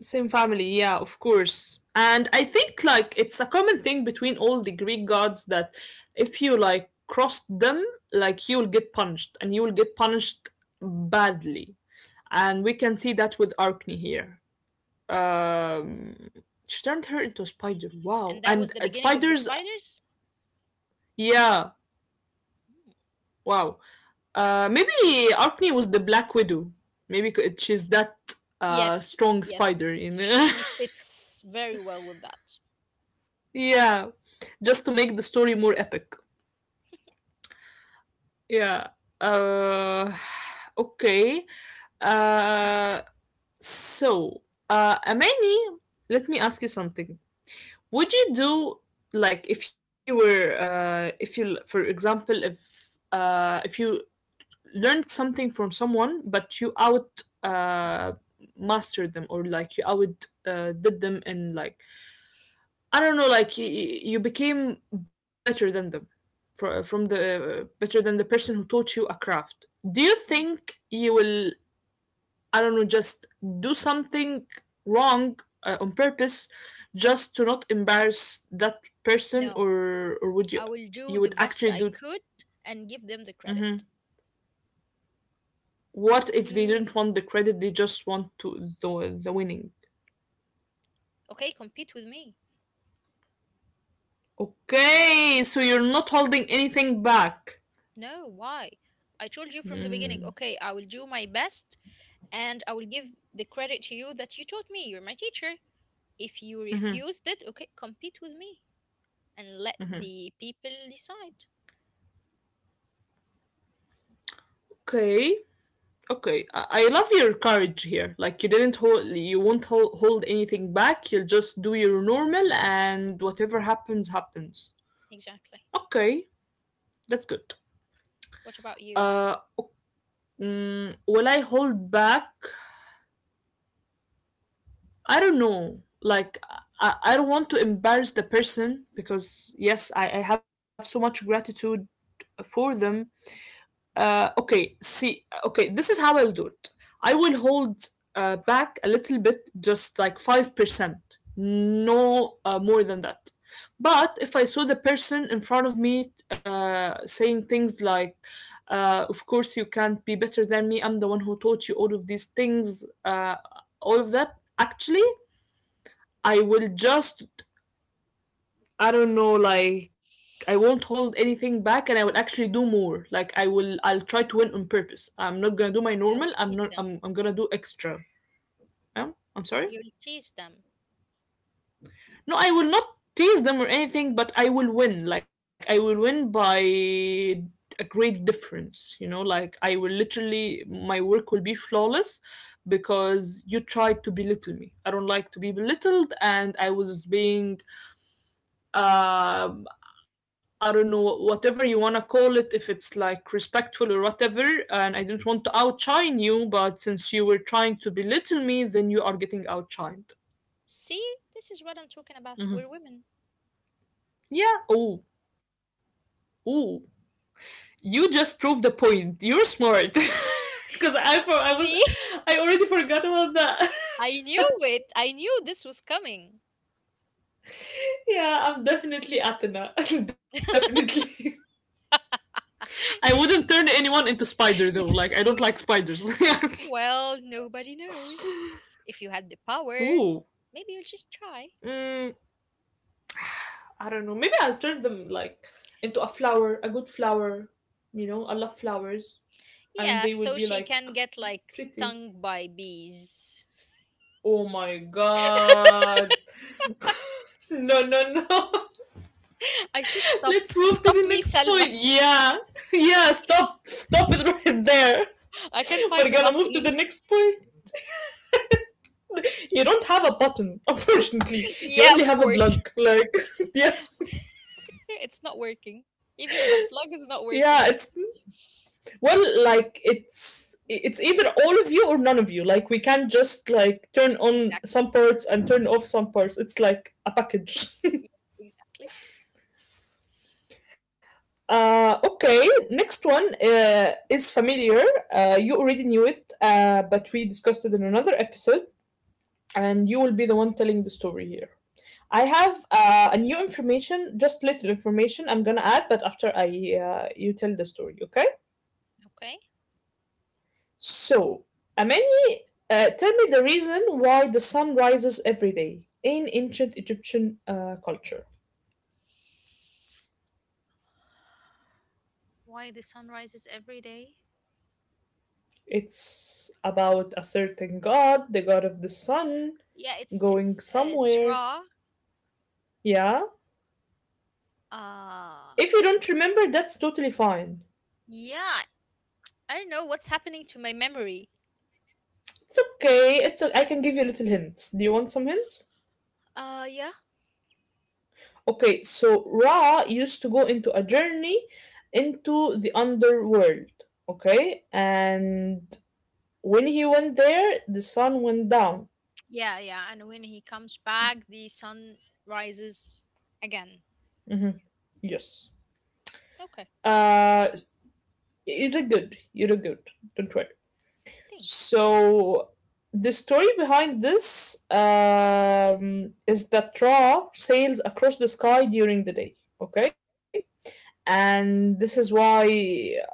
Speaker 1: same family, yeah, of course. And I think like it's a common thing between all the Greek gods that if you like crossed them, like you will get punished, and you will get punished badly. And we can see that with Arachne here. Um, she turned her into a spider. Wow.
Speaker 2: and that
Speaker 1: And
Speaker 2: was the beginning of the
Speaker 1: spiders,
Speaker 2: spiders.
Speaker 1: yeah,
Speaker 2: Mm.
Speaker 1: wow. Maybe Arkney was the Black Widow. Maybe she's that
Speaker 2: Yes,
Speaker 1: strong
Speaker 2: yes,
Speaker 1: spider. You know?
Speaker 2: she fits very well with that.
Speaker 1: yeah, just to make the story more epic. Yeah. Uh, okay. Uh, so, Amani, let me ask you something. Would you do like if you were if you, for example, if you learned something from someone, but you out uh, mastered them or like you out did them and like I don't know, like you became better than them, from the better than the person who taught you a craft. Do you
Speaker 2: Mm.
Speaker 1: think you will, I don't know, just do something wrong on purpose, just to not embarrass that person,
Speaker 2: No,
Speaker 1: or would you
Speaker 2: I will do
Speaker 1: you
Speaker 2: the
Speaker 1: would
Speaker 2: best
Speaker 1: actually
Speaker 2: I
Speaker 1: do?
Speaker 2: could and give them the
Speaker 1: Mm-hmm.
Speaker 2: credit.
Speaker 1: What if they
Speaker 2: Mm,
Speaker 1: didn't want the credit? They just want to the winning.
Speaker 2: okay, compete with me.
Speaker 1: Okay, so you're not holding anything back.
Speaker 2: No, why? I told you from the beginning. Okay, I will do my best, and I will give the credit to you that you taught me. You're my teacher. If you refused it, okay, compete with me and let the people decide.
Speaker 1: Okay, okay. I love your courage here. Like you didn't hold, you won't hold, hold anything back. You'll just do your normal, and whatever happens, happens.
Speaker 2: Exactly.
Speaker 1: Okay, that's good.
Speaker 2: What about you?
Speaker 1: Uh, mm, will I hold back? I don't know. Like I don't want to embarrass the person, because yes, I have so much gratitude for them. Okay, see, okay, this is how I'll do it. I will hold back a little bit, just like 5%, no more than that. But if I saw the person in front of me saying things like, of course, you can't be better than me, I'm the one who taught you all of these things, all of that, actually, I will just I don't know, like I won't hold anything back and I will actually do more. Like I'll try to win on purpose. I'm not gonna do my normal,
Speaker 2: Yeah, we'll
Speaker 1: I'm not
Speaker 2: tease them.
Speaker 1: I'm I'm gonna do extra. I'm sorry?
Speaker 2: You'll tease them.
Speaker 1: No, I will not tease them or anything, but I will win. Like I will win by a great difference, you know, like I will literally my work will be flawless because you tried to belittle me. I don't like to be belittled and I was being um, I don't know, whatever you wanna call it, if it's like respectful or whatever. And I do not want to outshine you, but since you were trying to belittle me, then you are getting outshined.
Speaker 2: See, this is what I'm talking about. We're
Speaker 1: Mhm.
Speaker 2: women.
Speaker 1: Yeah. Oh. Oh. You just proved the point. You're smart. Because I for I was
Speaker 2: See,
Speaker 1: I already forgot about that.
Speaker 2: I knew it. I knew this was coming.
Speaker 1: yeah, I'm definitely Athena. definitely. I wouldn't turn anyone into spider though. Like I don't like spiders.
Speaker 2: Well, nobody knows. If you had the power,
Speaker 1: Ooh.
Speaker 2: maybe you'll just try.
Speaker 1: Mm, I don't know. Maybe I'll turn them like into a flower, a good flower. You know, I love flowers, and
Speaker 2: Yeah,
Speaker 1: they will
Speaker 2: so
Speaker 1: be
Speaker 2: she
Speaker 1: like
Speaker 2: can get like
Speaker 1: pretty.
Speaker 2: stung by bees.
Speaker 1: Oh my God! no, no, no.
Speaker 2: I should stop.
Speaker 1: Let's move to
Speaker 2: Stop
Speaker 1: the
Speaker 2: me,
Speaker 1: next
Speaker 2: Selma.
Speaker 1: point. Yeah, yeah. Stop, stop it right there.
Speaker 2: I can
Speaker 1: We're
Speaker 2: find the
Speaker 1: gonna move to
Speaker 2: button.
Speaker 1: the next point. You don't have a button, unfortunately. You
Speaker 2: Yeah,
Speaker 1: only
Speaker 2: of
Speaker 1: have a
Speaker 2: course.
Speaker 1: plug. Like, yeah,
Speaker 2: It's not working. Even the plug is not working.
Speaker 1: yeah. It's well like it's either all of you or none of you, like we can't just like turn on
Speaker 2: Exactly.
Speaker 1: some parts and turn off some parts, it's like a package.
Speaker 2: Yeah, exactly.
Speaker 1: Okay, next one is familiar. You already knew it, but we discussed it in another episode, and you will be the one telling the story here. I have a new information, just little information I'm gonna add, but after I you tell the story, okay?
Speaker 2: Okay.
Speaker 1: So, Amani, tell me the reason why the sun rises every day in ancient Egyptian culture.
Speaker 2: Why the sun rises every day?
Speaker 1: It's about a certain god, the god of the sun,
Speaker 2: Yeah,
Speaker 1: going
Speaker 2: it's
Speaker 1: somewhere.
Speaker 2: Raw.
Speaker 1: Yeah?
Speaker 2: Uh
Speaker 1: If you don't remember, that's totally fine.
Speaker 2: yeah, I don't know what's happening to my memory.
Speaker 1: It's okay. I can give you little hints. Do you want some hints?
Speaker 2: Yeah.
Speaker 1: Okay, so Ra used to go into a journey into the underworld, okay? And when he went there, the sun went down.
Speaker 2: Yeah, yeah. And when he comes back, the sun rises again.
Speaker 1: Mhm. Yes.
Speaker 2: Okay.
Speaker 1: Uh, you did good. You did good. Don't worry.
Speaker 2: Thank you.
Speaker 1: So the story behind this is that Ra sails across the sky during the day. Okay. And this is why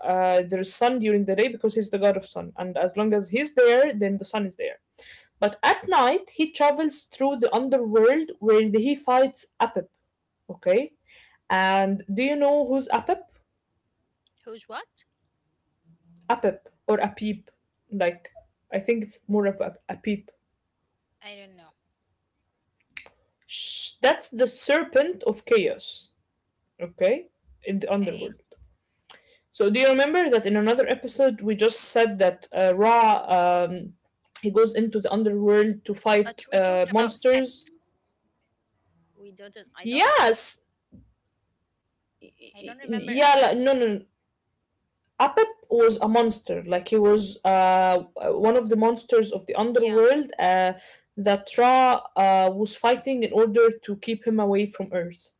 Speaker 1: there is sun during the day because he's the god of sun. And as long as he's there, then the sun is there. But at night, he travels through the underworld where he fights Apep. Okay. And do you know who's Apep?
Speaker 2: Who's what?
Speaker 1: Apep or Apip? Like, I think it's more of a Apip.
Speaker 2: I don't know.
Speaker 1: That's the serpent of chaos, okay? In the
Speaker 2: Okay.
Speaker 1: underworld. So do you remember that in another episode we just said that Ra he goes into the underworld to
Speaker 2: But
Speaker 1: fight
Speaker 2: we talked about Set.
Speaker 1: monsters?
Speaker 2: We don't I don't,
Speaker 1: Yes.
Speaker 2: I don't
Speaker 1: Y-
Speaker 2: remember a
Speaker 1: Yeah,
Speaker 2: Pip.
Speaker 1: no, no, no. Apep was a monster. Like he was one of the monsters of the
Speaker 2: Yeah.
Speaker 1: underworld that Ra was fighting in order to keep him away from Earth.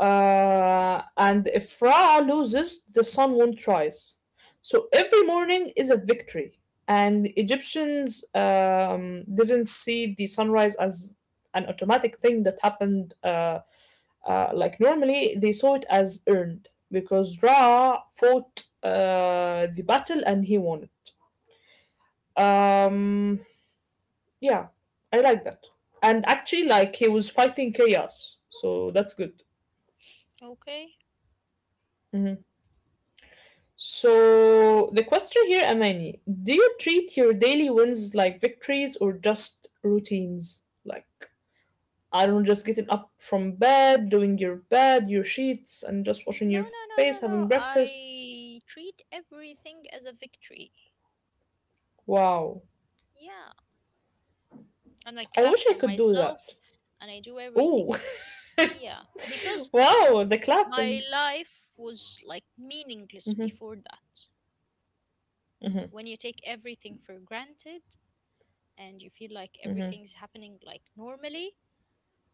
Speaker 1: And if Ra loses, the sun won't rise. So every morning is a victory. And Egyptians didn't see the sunrise as an automatic thing that happened like normally they saw it as earned because Ra fought the battle and he won it. Um, yeah, I like that. And actually, like he was fighting chaos, so that's good.
Speaker 2: Okay.
Speaker 1: Mhm. So the question here, Amani, do you treat your daily wins like victories or just routines? Like I don't know, just getting up from bed, doing your bed, your sheets, and just
Speaker 2: No,
Speaker 1: washing your
Speaker 2: no,
Speaker 1: face,
Speaker 2: no, no,
Speaker 1: having
Speaker 2: no.
Speaker 1: breakfast.
Speaker 2: I treat everything as a victory.
Speaker 1: Wow.
Speaker 2: Yeah. And I
Speaker 1: I
Speaker 2: clap
Speaker 1: wish I
Speaker 2: for
Speaker 1: could do that.
Speaker 2: myself and I do everything.
Speaker 1: Ooh.
Speaker 2: Yeah. Because
Speaker 1: Wow, the
Speaker 2: my
Speaker 1: clapping.
Speaker 2: life was like
Speaker 1: Mhm,
Speaker 2: meaningless before that.
Speaker 1: mhm,
Speaker 2: When you take everything for granted and you feel like
Speaker 1: mhm,
Speaker 2: everything's happening like normally,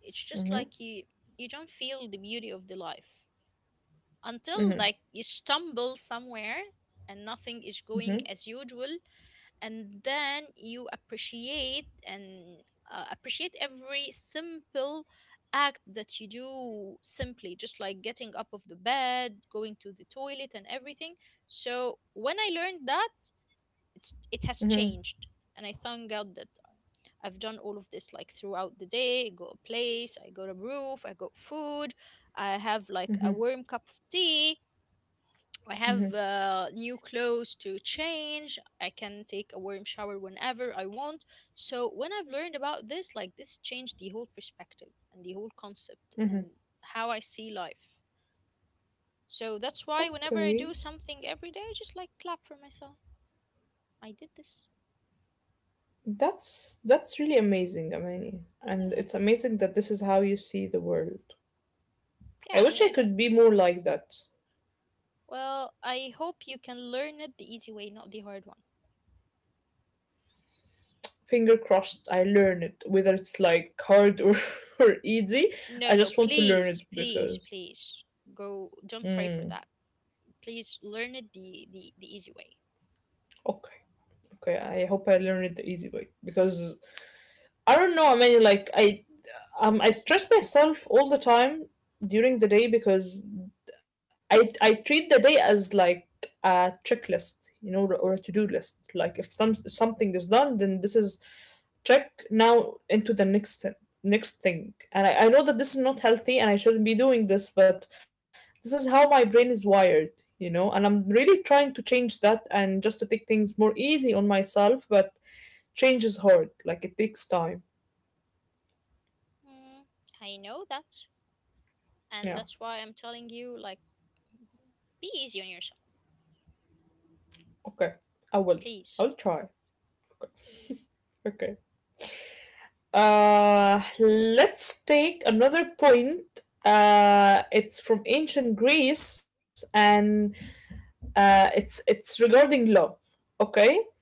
Speaker 2: it's just
Speaker 1: mhm,
Speaker 2: like you don't feel the beauty of the life, until
Speaker 1: mhm,
Speaker 2: like you stumble somewhere and nothing is going
Speaker 1: mhm,
Speaker 2: as usual, and then you appreciate and appreciate every simple act that you do, simply, just like getting up of the bed, going to the toilet, and everything. So when I learned that, it's it has
Speaker 1: mhm,
Speaker 2: changed, and I thank God that I've done all of this like throughout the day. I got a place, I got a roof, I got food, I have like a
Speaker 1: mhm,
Speaker 2: warm cup of tea. I have
Speaker 1: mhm,
Speaker 2: new clothes to change. I can take a warm shower whenever I want. So when I've learned about this, like this changed the whole perspective and the whole concept
Speaker 1: mhm.
Speaker 2: and how I see life. So that's why whenever I
Speaker 1: Okay.
Speaker 2: do something every day, I just like clap for myself. I did this.
Speaker 1: That's really amazing, Amani. And
Speaker 2: Yeah,
Speaker 1: it's
Speaker 2: it's
Speaker 1: amazing that this is how you see the world. I
Speaker 2: yeah, and
Speaker 1: wish I
Speaker 2: it.
Speaker 1: could be more like that.
Speaker 2: Well, I hope you can learn it the easy way, not the hard one.
Speaker 1: Finger crossed I learn it, whether it's like hard or, or easy.
Speaker 2: No,
Speaker 1: I
Speaker 2: no,
Speaker 1: just want to learn
Speaker 2: please,
Speaker 1: it
Speaker 2: please,
Speaker 1: because
Speaker 2: please go. Don't pray for
Speaker 1: Mm,
Speaker 2: that. Please learn it the easy way.
Speaker 1: okay. Okay, I hope I learn it the easy way because I don't know. I stress myself all the time during the day because I treat the day as like a checklist, or a to-do list. Like if something is done, then this is check now into the next thing. And I know that this is not healthy and I shouldn't be doing this, but this is how my brain is wired, and I'm really trying to change that and just to take things more easy on myself, but change is hard. Like it takes time.
Speaker 2: Mm, I know that, and
Speaker 1: Yeah.
Speaker 2: that's why I'm telling you, like, be easy on yourself,
Speaker 1: Okay, I will. I will
Speaker 2: please.
Speaker 1: try. Okay. Let's take another point. It's from ancient Greece, and it's regarding love. Okay,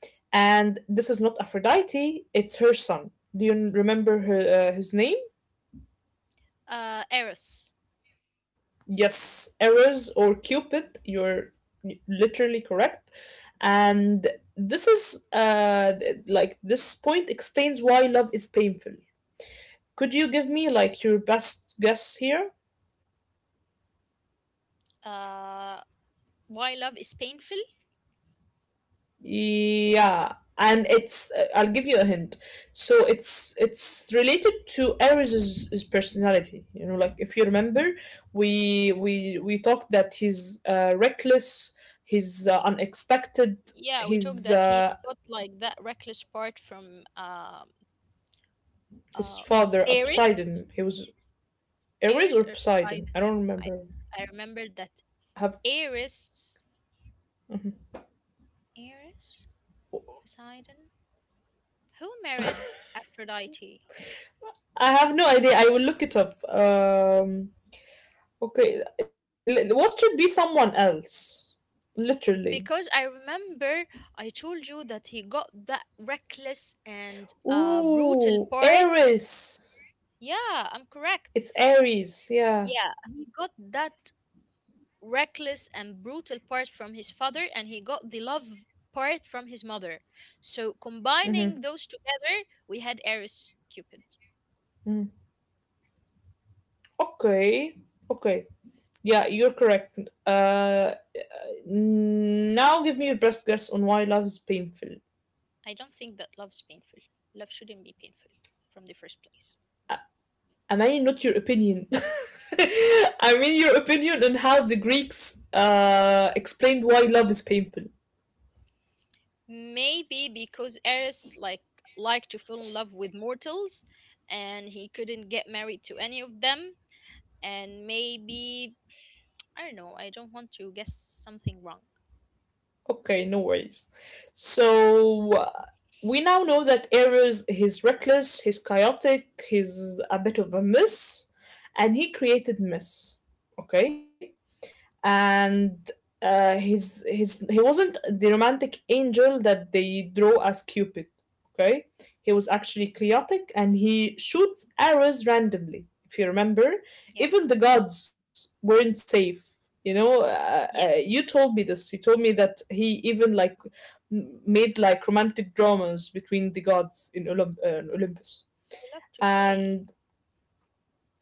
Speaker 1: and this is not Aphrodite; it's her son. Do you remember her his name?
Speaker 2: Eris.
Speaker 1: Yes, Eros or Cupid. You're literally correct, and this is like this point explains why love is painful. Could you give me like your best guess here?
Speaker 2: uh, why love is painful?
Speaker 1: Yeah, and it's I'll give you a hint. So it's related to Ares's his personality. You know, like if you remember, we talked that he's reckless, he's unexpected.
Speaker 2: Yeah, we talked
Speaker 1: His
Speaker 2: that he
Speaker 1: uh,
Speaker 2: got like that reckless part from
Speaker 1: his
Speaker 2: uh
Speaker 1: father
Speaker 2: Ares.
Speaker 1: Poseidon. He was Ares
Speaker 2: Ares
Speaker 1: or
Speaker 2: or
Speaker 1: Poseidon.
Speaker 2: Poseidon.
Speaker 1: I don't
Speaker 2: I
Speaker 1: remember.
Speaker 2: I remember that
Speaker 1: Have
Speaker 2: Ares,
Speaker 1: Mhm.
Speaker 2: Ares, Poseidon, who married Aphrodite?
Speaker 1: I have no idea. I will look it up. Okay, what should be someone else? Literally.
Speaker 2: Because I remember I told you that he got that reckless and brutal
Speaker 1: Ooh,
Speaker 2: part.
Speaker 1: Aries.
Speaker 2: Yeah, I'm correct.
Speaker 1: It's Aries. Yeah.
Speaker 2: Yeah, he got that reckless and brutal part from his father, and he got the love part from his mother. So
Speaker 1: Mm-hmm.
Speaker 2: combining those together, we had Eris Cupid.
Speaker 1: Mm. Okay. Okay. Yeah, you're correct. Uh, now give me your best guess on why love is painful.
Speaker 2: I don't think that love's painful. Love shouldn't be painful from the first place.
Speaker 1: I mean, not your opinion. I mean your opinion on how the Greeks explained why love is painful.
Speaker 2: Maybe because Eris like liked to fall in love with mortals, and he couldn't get married to any of them, and maybe I don't know, I don't want to guess something wrong.
Speaker 1: Okay, no worries. So uh, we now know that Ares he's reckless, he's chaotic, he's a bit of a mess, and he created mess. Okay, and his he wasn't the romantic angel that they draw as Cupid. Okay, he was actually chaotic, and he shoots arrows randomly. If you remember,
Speaker 2: Yeah.
Speaker 1: even the gods weren't safe. You know, you
Speaker 2: Yes.
Speaker 1: told me this. You told me that he even like made like romantic dramas between the gods in in Olympus,
Speaker 2: I love to play.
Speaker 1: and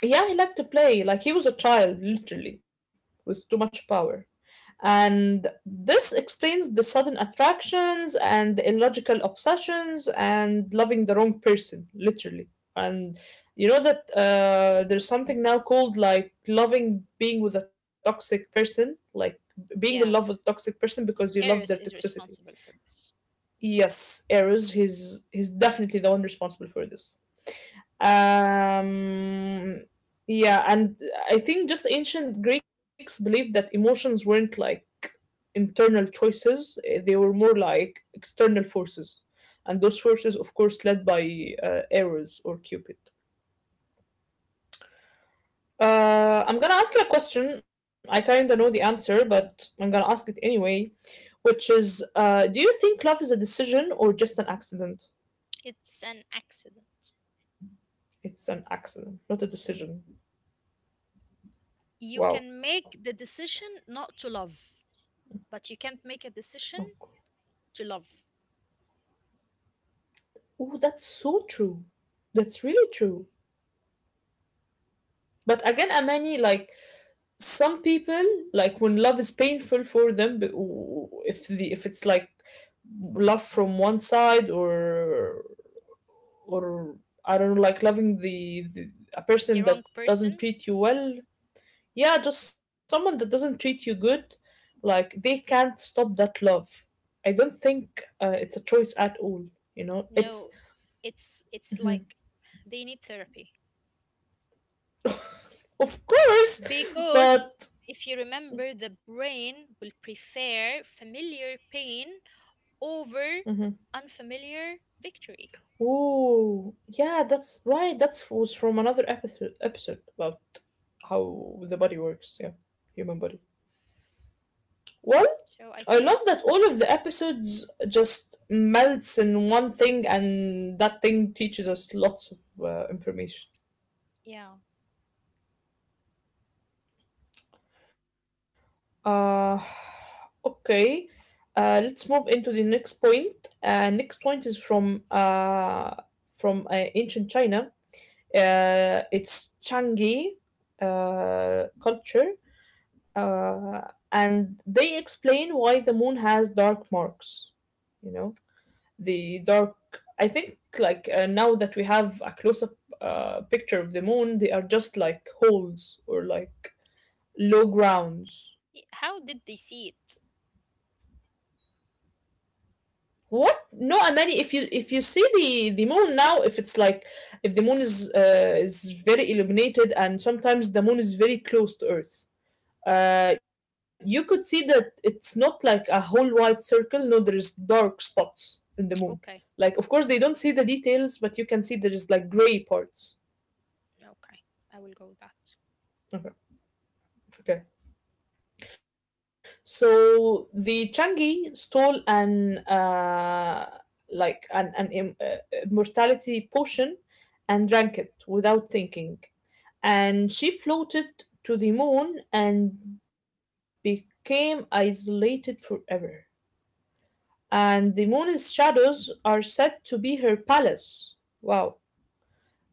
Speaker 1: yeah, he liked to play. Like he was a child, literally, with too much power. And this explains the sudden attractions and the illogical obsessions and loving the wrong person, literally. And you know that there's something now called like loving being with a toxic person, like being in love with a
Speaker 2: Yeah.
Speaker 1: toxic person because you love their
Speaker 2: Eris is
Speaker 1: toxicity.
Speaker 2: responsible for this.
Speaker 1: Yes, Eros, he's definitely the one responsible for this. Um, yeah, and I think just ancient Greeks believed that emotions weren't like internal choices, eh, they were more like external forces. And those forces, of course, led by Eros or Cupid. I'm gonna ask you a question. I kinda know the answer, but I'm gonna ask it anyway, which is do you think love is a decision or just an accident?
Speaker 2: It's an accident.
Speaker 1: It's an accident, not a decision.
Speaker 2: You
Speaker 1: Wow.
Speaker 2: can make the decision not to love, but you can't make a
Speaker 1: Oh, cool.
Speaker 2: decision to love
Speaker 1: Oh, that's so true. That's really true. But again, Amani, like some people, like when love is painful for them, if the if it's like love from one side or I don't know, like loving the a
Speaker 2: the
Speaker 1: person
Speaker 2: wrong
Speaker 1: that doesn't
Speaker 2: person.
Speaker 1: treat you well, yeah, just someone that doesn't treat you good, like they can't stop that love. I don't think it's a choice at all. You know,
Speaker 2: No,
Speaker 1: it's
Speaker 2: it's
Speaker 1: Mhm.
Speaker 2: like they need therapy.
Speaker 1: of course,
Speaker 2: Because
Speaker 1: but
Speaker 2: if you remember, the brain will prefer familiar pain over
Speaker 1: hmm.
Speaker 2: unfamiliar victory.
Speaker 1: Oh, yeah, that's right. That was from another episode about how the body works. Yeah, human body. Well,
Speaker 2: So I
Speaker 1: I
Speaker 2: think,
Speaker 1: love that all of the episodes just melts in one thing, and that thing teaches us lots of information.
Speaker 2: yeah.
Speaker 1: Uh, okay. Let's move into the next point. Next point is from ancient China. It's Changi culture, uh, and they explain why the moon has dark marks. You know, the dark. I think like now that we have a close-up picture of the moon, they are just like holes or like low grounds.
Speaker 2: Y- How did they see it?
Speaker 1: What? No, Amani. If you see the moon now, if it's like if the moon is very illuminated, and sometimes the moon is very close to Earth you could see that it's not like a whole white circle. No, there's dark spots in the moon.
Speaker 2: Okay,
Speaker 1: Like, of course, they don't see the details, but you can see there is like gray parts.
Speaker 2: okay. I will go with that.
Speaker 1: Okay. Okay. So the Changi stole an like an immortality potion and drank it without thinking. And she floated to the moon and became isolated forever. And the moon's shadows are said to be her palace. Wow.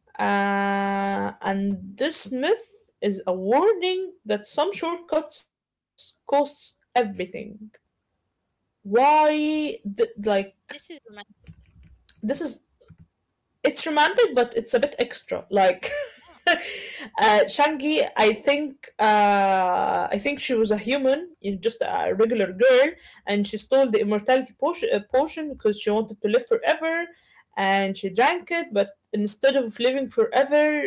Speaker 1: And this myth is a warning that some shortcuts costs everything. Why, like,
Speaker 2: This is romantic.
Speaker 1: this is, it's romantic, but it's a bit extra. Like,
Speaker 2: Yeah,
Speaker 1: Shangi, I think she was a human, you know, just a regular girl, and she stole the immortality potion, potion because she wanted to live forever, and she drank it. But instead of living forever,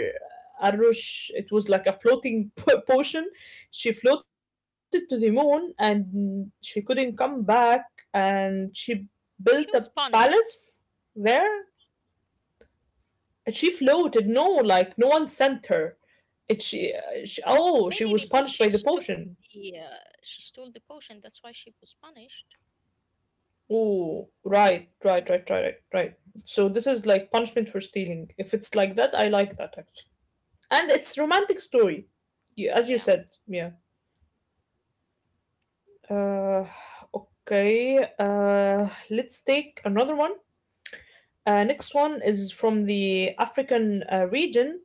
Speaker 1: Arush, it was like a floating potion. She floated to the moon, and she couldn't come back, and she built a
Speaker 2: she was
Speaker 1: palace
Speaker 2: punished.
Speaker 1: there and she floated. No, like no one sent her. It she oh she
Speaker 2: Maybe
Speaker 1: was
Speaker 2: because
Speaker 1: punished by the potion.
Speaker 2: she stole the potion. That's why she was punished.
Speaker 1: Oh right
Speaker 2: You
Speaker 1: right
Speaker 2: know.
Speaker 1: right right right right. So this is like punishment for stealing. If it's like that, I like that actually. And it's romantic story, yeah, as you
Speaker 2: Yeah.
Speaker 1: said. Yeah. Uh, okay. Let's take another one. Next one is from the African region,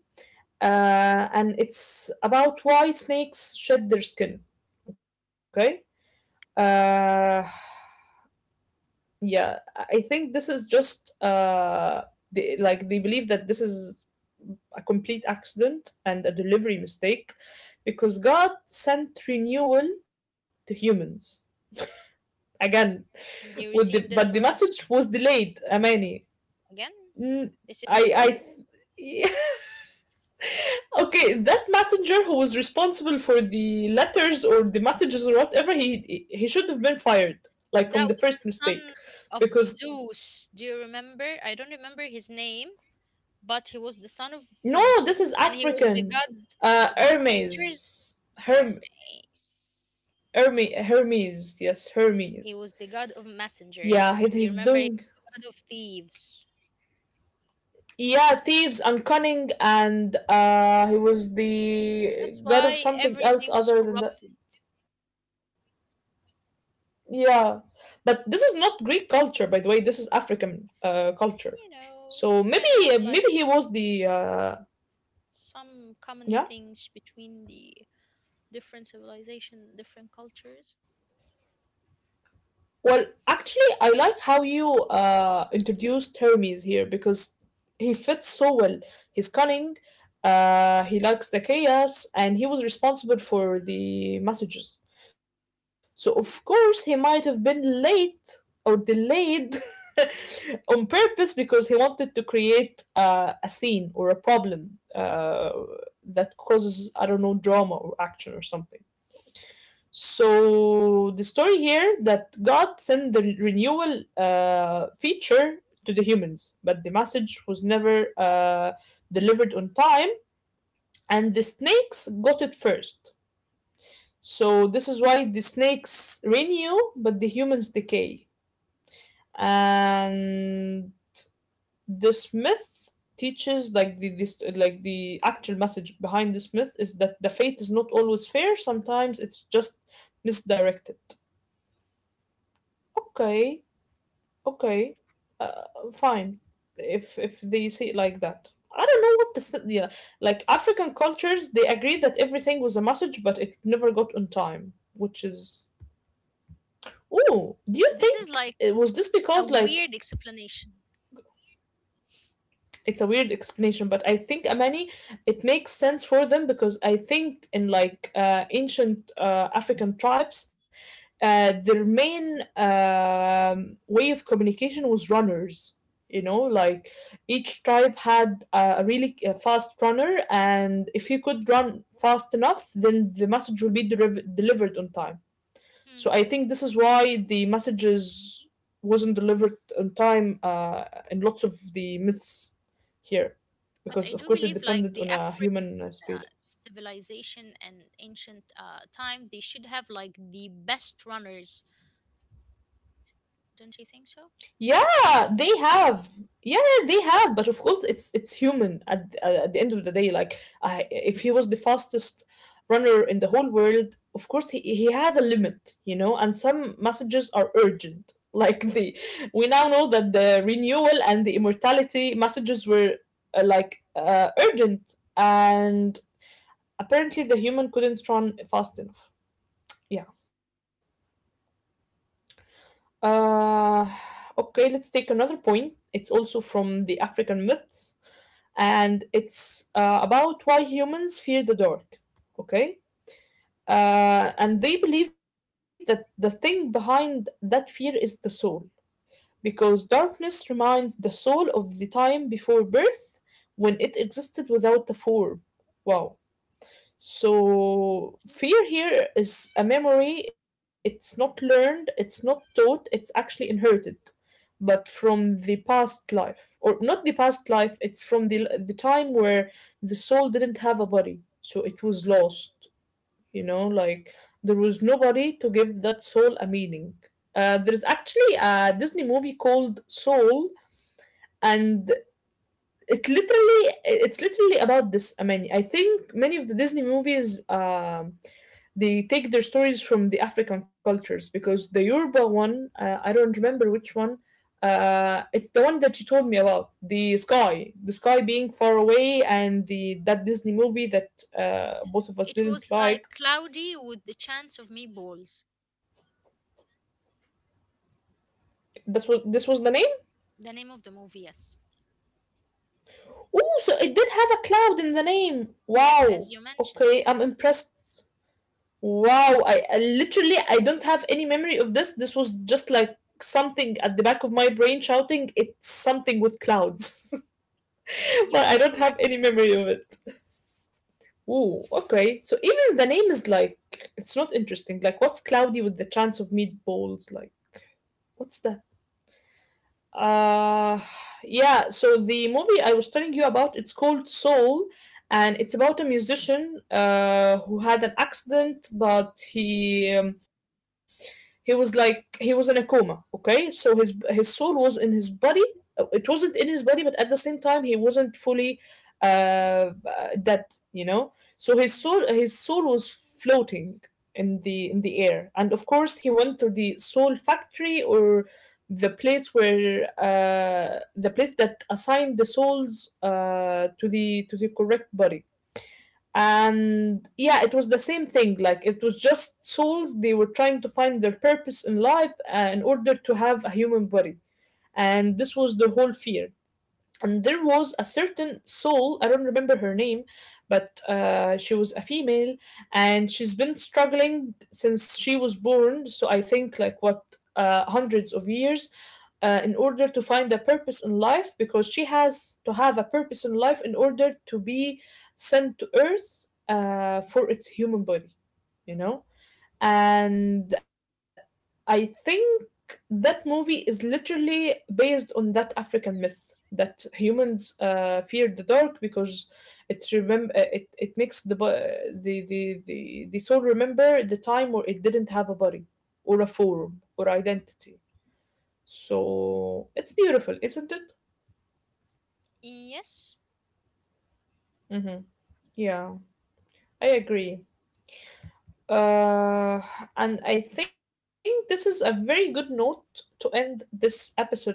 Speaker 1: and it's about why snakes shed their skin. Okay. Uh,
Speaker 2: Wow.
Speaker 1: yeah, I think this is just like they believe that this is a complete accident and a delivery mistake because God sent renewal to humans again
Speaker 2: And
Speaker 1: with
Speaker 2: they
Speaker 1: the but the
Speaker 2: received it for
Speaker 1: message was
Speaker 2: us
Speaker 1: delayed, Amani.
Speaker 2: again.
Speaker 1: Mm,
Speaker 2: This is
Speaker 1: I I
Speaker 2: the
Speaker 1: th- okay, that messenger who was responsible for the letters or the messages or whatever he should have been fired like
Speaker 2: That
Speaker 1: from the
Speaker 2: was the
Speaker 1: first
Speaker 2: son
Speaker 1: mistake
Speaker 2: of
Speaker 1: because
Speaker 2: Zeus. Do you remember? I don't remember his name, but he was the son
Speaker 1: No,
Speaker 2: of
Speaker 1: this is
Speaker 2: Zeus, and he was the
Speaker 1: African.
Speaker 2: god
Speaker 1: Uh,
Speaker 2: of messengers.
Speaker 1: Hermes.
Speaker 2: Hermes.
Speaker 1: Herm Hermes.
Speaker 2: Yeah.
Speaker 1: Hermes. Yes, Hermes.
Speaker 2: He was the god of
Speaker 1: Yeah, he, he's
Speaker 2: messengers. And you
Speaker 1: doing.
Speaker 2: remember he was the god of thieves.
Speaker 1: Yeah, thieves and cunning, and he was the
Speaker 2: That's
Speaker 1: god of
Speaker 2: why
Speaker 1: something else
Speaker 2: everything was
Speaker 1: other than that.
Speaker 2: corrupted.
Speaker 1: Yeah, but this is not Greek culture, by the way. This is African culture.
Speaker 2: You
Speaker 1: So
Speaker 2: know,
Speaker 1: maybe
Speaker 2: can have
Speaker 1: maybe he
Speaker 2: like
Speaker 1: was the
Speaker 2: some common
Speaker 1: yeah.
Speaker 2: things between the different civilization, different cultures.
Speaker 1: Well, actually, I like how you introduced Hermes here because he fits so well. He's cunning, he likes the chaos, and he was responsible for the messages. So, of course, he might have been late or delayed on purpose because he wanted to create a scene or a problem that causes, I don't know, drama or action or something. So the story here that God sent the renewal feature to the humans, but the message was never delivered on time, and the snakes got it first. So this is why the snakes renew, but the humans decay. And this myth teaches like the this like the actual message behind this myth is that the fate is not always fair. Sometimes it's just misdirected. Okay. Okay, uh, fine. If they see it like that, I don't know yeah, like African cultures. They agreed that everything was a message, but it never got on time, which is. Oh, do you
Speaker 2: This is
Speaker 1: think
Speaker 2: like
Speaker 1: it was this
Speaker 2: a
Speaker 1: because
Speaker 2: weird explanation.
Speaker 1: it's a weird explanation, but I think Amani, it makes sense for them because I think in like ancient African tribes, their main way of communication was runners. You know, like each tribe had a really fast runner, and if you could run fast enough, then the message will be delivered on time.
Speaker 2: Hmm.
Speaker 1: So I think this is why the messages wasn't delivered on time in lots of the myths here,
Speaker 2: But
Speaker 1: because
Speaker 2: I
Speaker 1: of
Speaker 2: do
Speaker 1: course it
Speaker 2: believe, like
Speaker 1: depended
Speaker 2: the
Speaker 1: on a
Speaker 2: African
Speaker 1: human speed.
Speaker 2: civilization and ancient time, they should have like the best runners. Don't you think so?
Speaker 1: Yeah, they have. Yeah, yeah, they have, but of course, it's human at the end of the day. Like, I,
Speaker 2: Hmm.
Speaker 1: if he was the fastest runner in the whole world, of course, he has a limit, you know. And some messages are urgent. Like we now know that the renewal and the immortality messages were urgent, and apparently the human couldn't run fast enough. Yeah. Uh, okay, let's take another point. It's also from the African myths, and it's about why humans fear the dark. Okay, and they believe that the thing behind that fear is the soul, because darkness reminds the soul of the time before birth when it existed without a form. Wow. So fear here is a memory. It's not learned, it's not taught, it's actually inherited, but from the past life, or not the past life, it's from the time where the soul didn't have a body, so it was lost, you know, like there was nobody to give that soul a meaning. There's actually a Disney movie called Soul, and it's literally about this. I mean, I think many of the Disney movies they take their stories from the African cultures because the Yoruba one, I don't remember which one. It's the one that you told me about the sky being far away, and the that Disney movie that both of us
Speaker 2: It
Speaker 1: didn't
Speaker 2: was
Speaker 1: like.
Speaker 2: like cloudy with the chance of meatballs.
Speaker 1: This was the name.
Speaker 2: The name of the movie, yes,
Speaker 1: Oh, so it did have a cloud in the name.
Speaker 2: yes,
Speaker 1: Wow.
Speaker 2: as you mentioned,
Speaker 1: Okay, I'm impressed. Wow, I don't have any memory of this. This was just like something at the back of my brain shouting, "It's something with clouds."
Speaker 2: you
Speaker 1: But I
Speaker 2: were
Speaker 1: don't have any
Speaker 2: correct.
Speaker 1: memory of it. Ooh, okay. So even the name is like it's not interesting. Like what's cloudy with the chance of meatballs? Like what's that? Uh, yeah, so the movie I was telling you about, it's called Soul, and it's about a musician who had an accident, but he was like he was in a coma, okay? So his soul was in his body. It wasn't in his body, but at the same time, he wasn't fully dead, you know? So his
Speaker 2: Mhm.
Speaker 1: soul his soul was floating in the air. And of course, he went to the soul factory or the place that assigned the souls to the correct body, and yeah, it was the same thing, like it was just souls, they were trying to find their purpose in life in order to have a human body, and this was their whole fear. And there was a certain soul, I don't remember her name, but she was a female, and she's been struggling since she was born, so I think, like, what, hundreds of years, in order to find a purpose in life, because she has to have a purpose in life in order to be sent to earth for its human body, you know. And I think that movie is literally based on that African myth that humans feared the dark because it makes the, bo- the soul remember the time where it didn't have a body or a form or identity. So it's beautiful, isn't it?
Speaker 2: Yes,
Speaker 1: Mm-hmm. Yeah, I agree. Uh, and I think this is a very good note to end this episode on.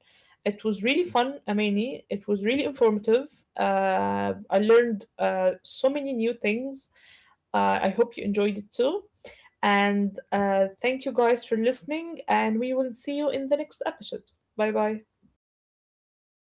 Speaker 1: It was really fun, Amani. It was really informative. I learned so many new things. I hope you enjoyed it too. And thank you guys for listening, and we will see you in the next episode. Bye bye.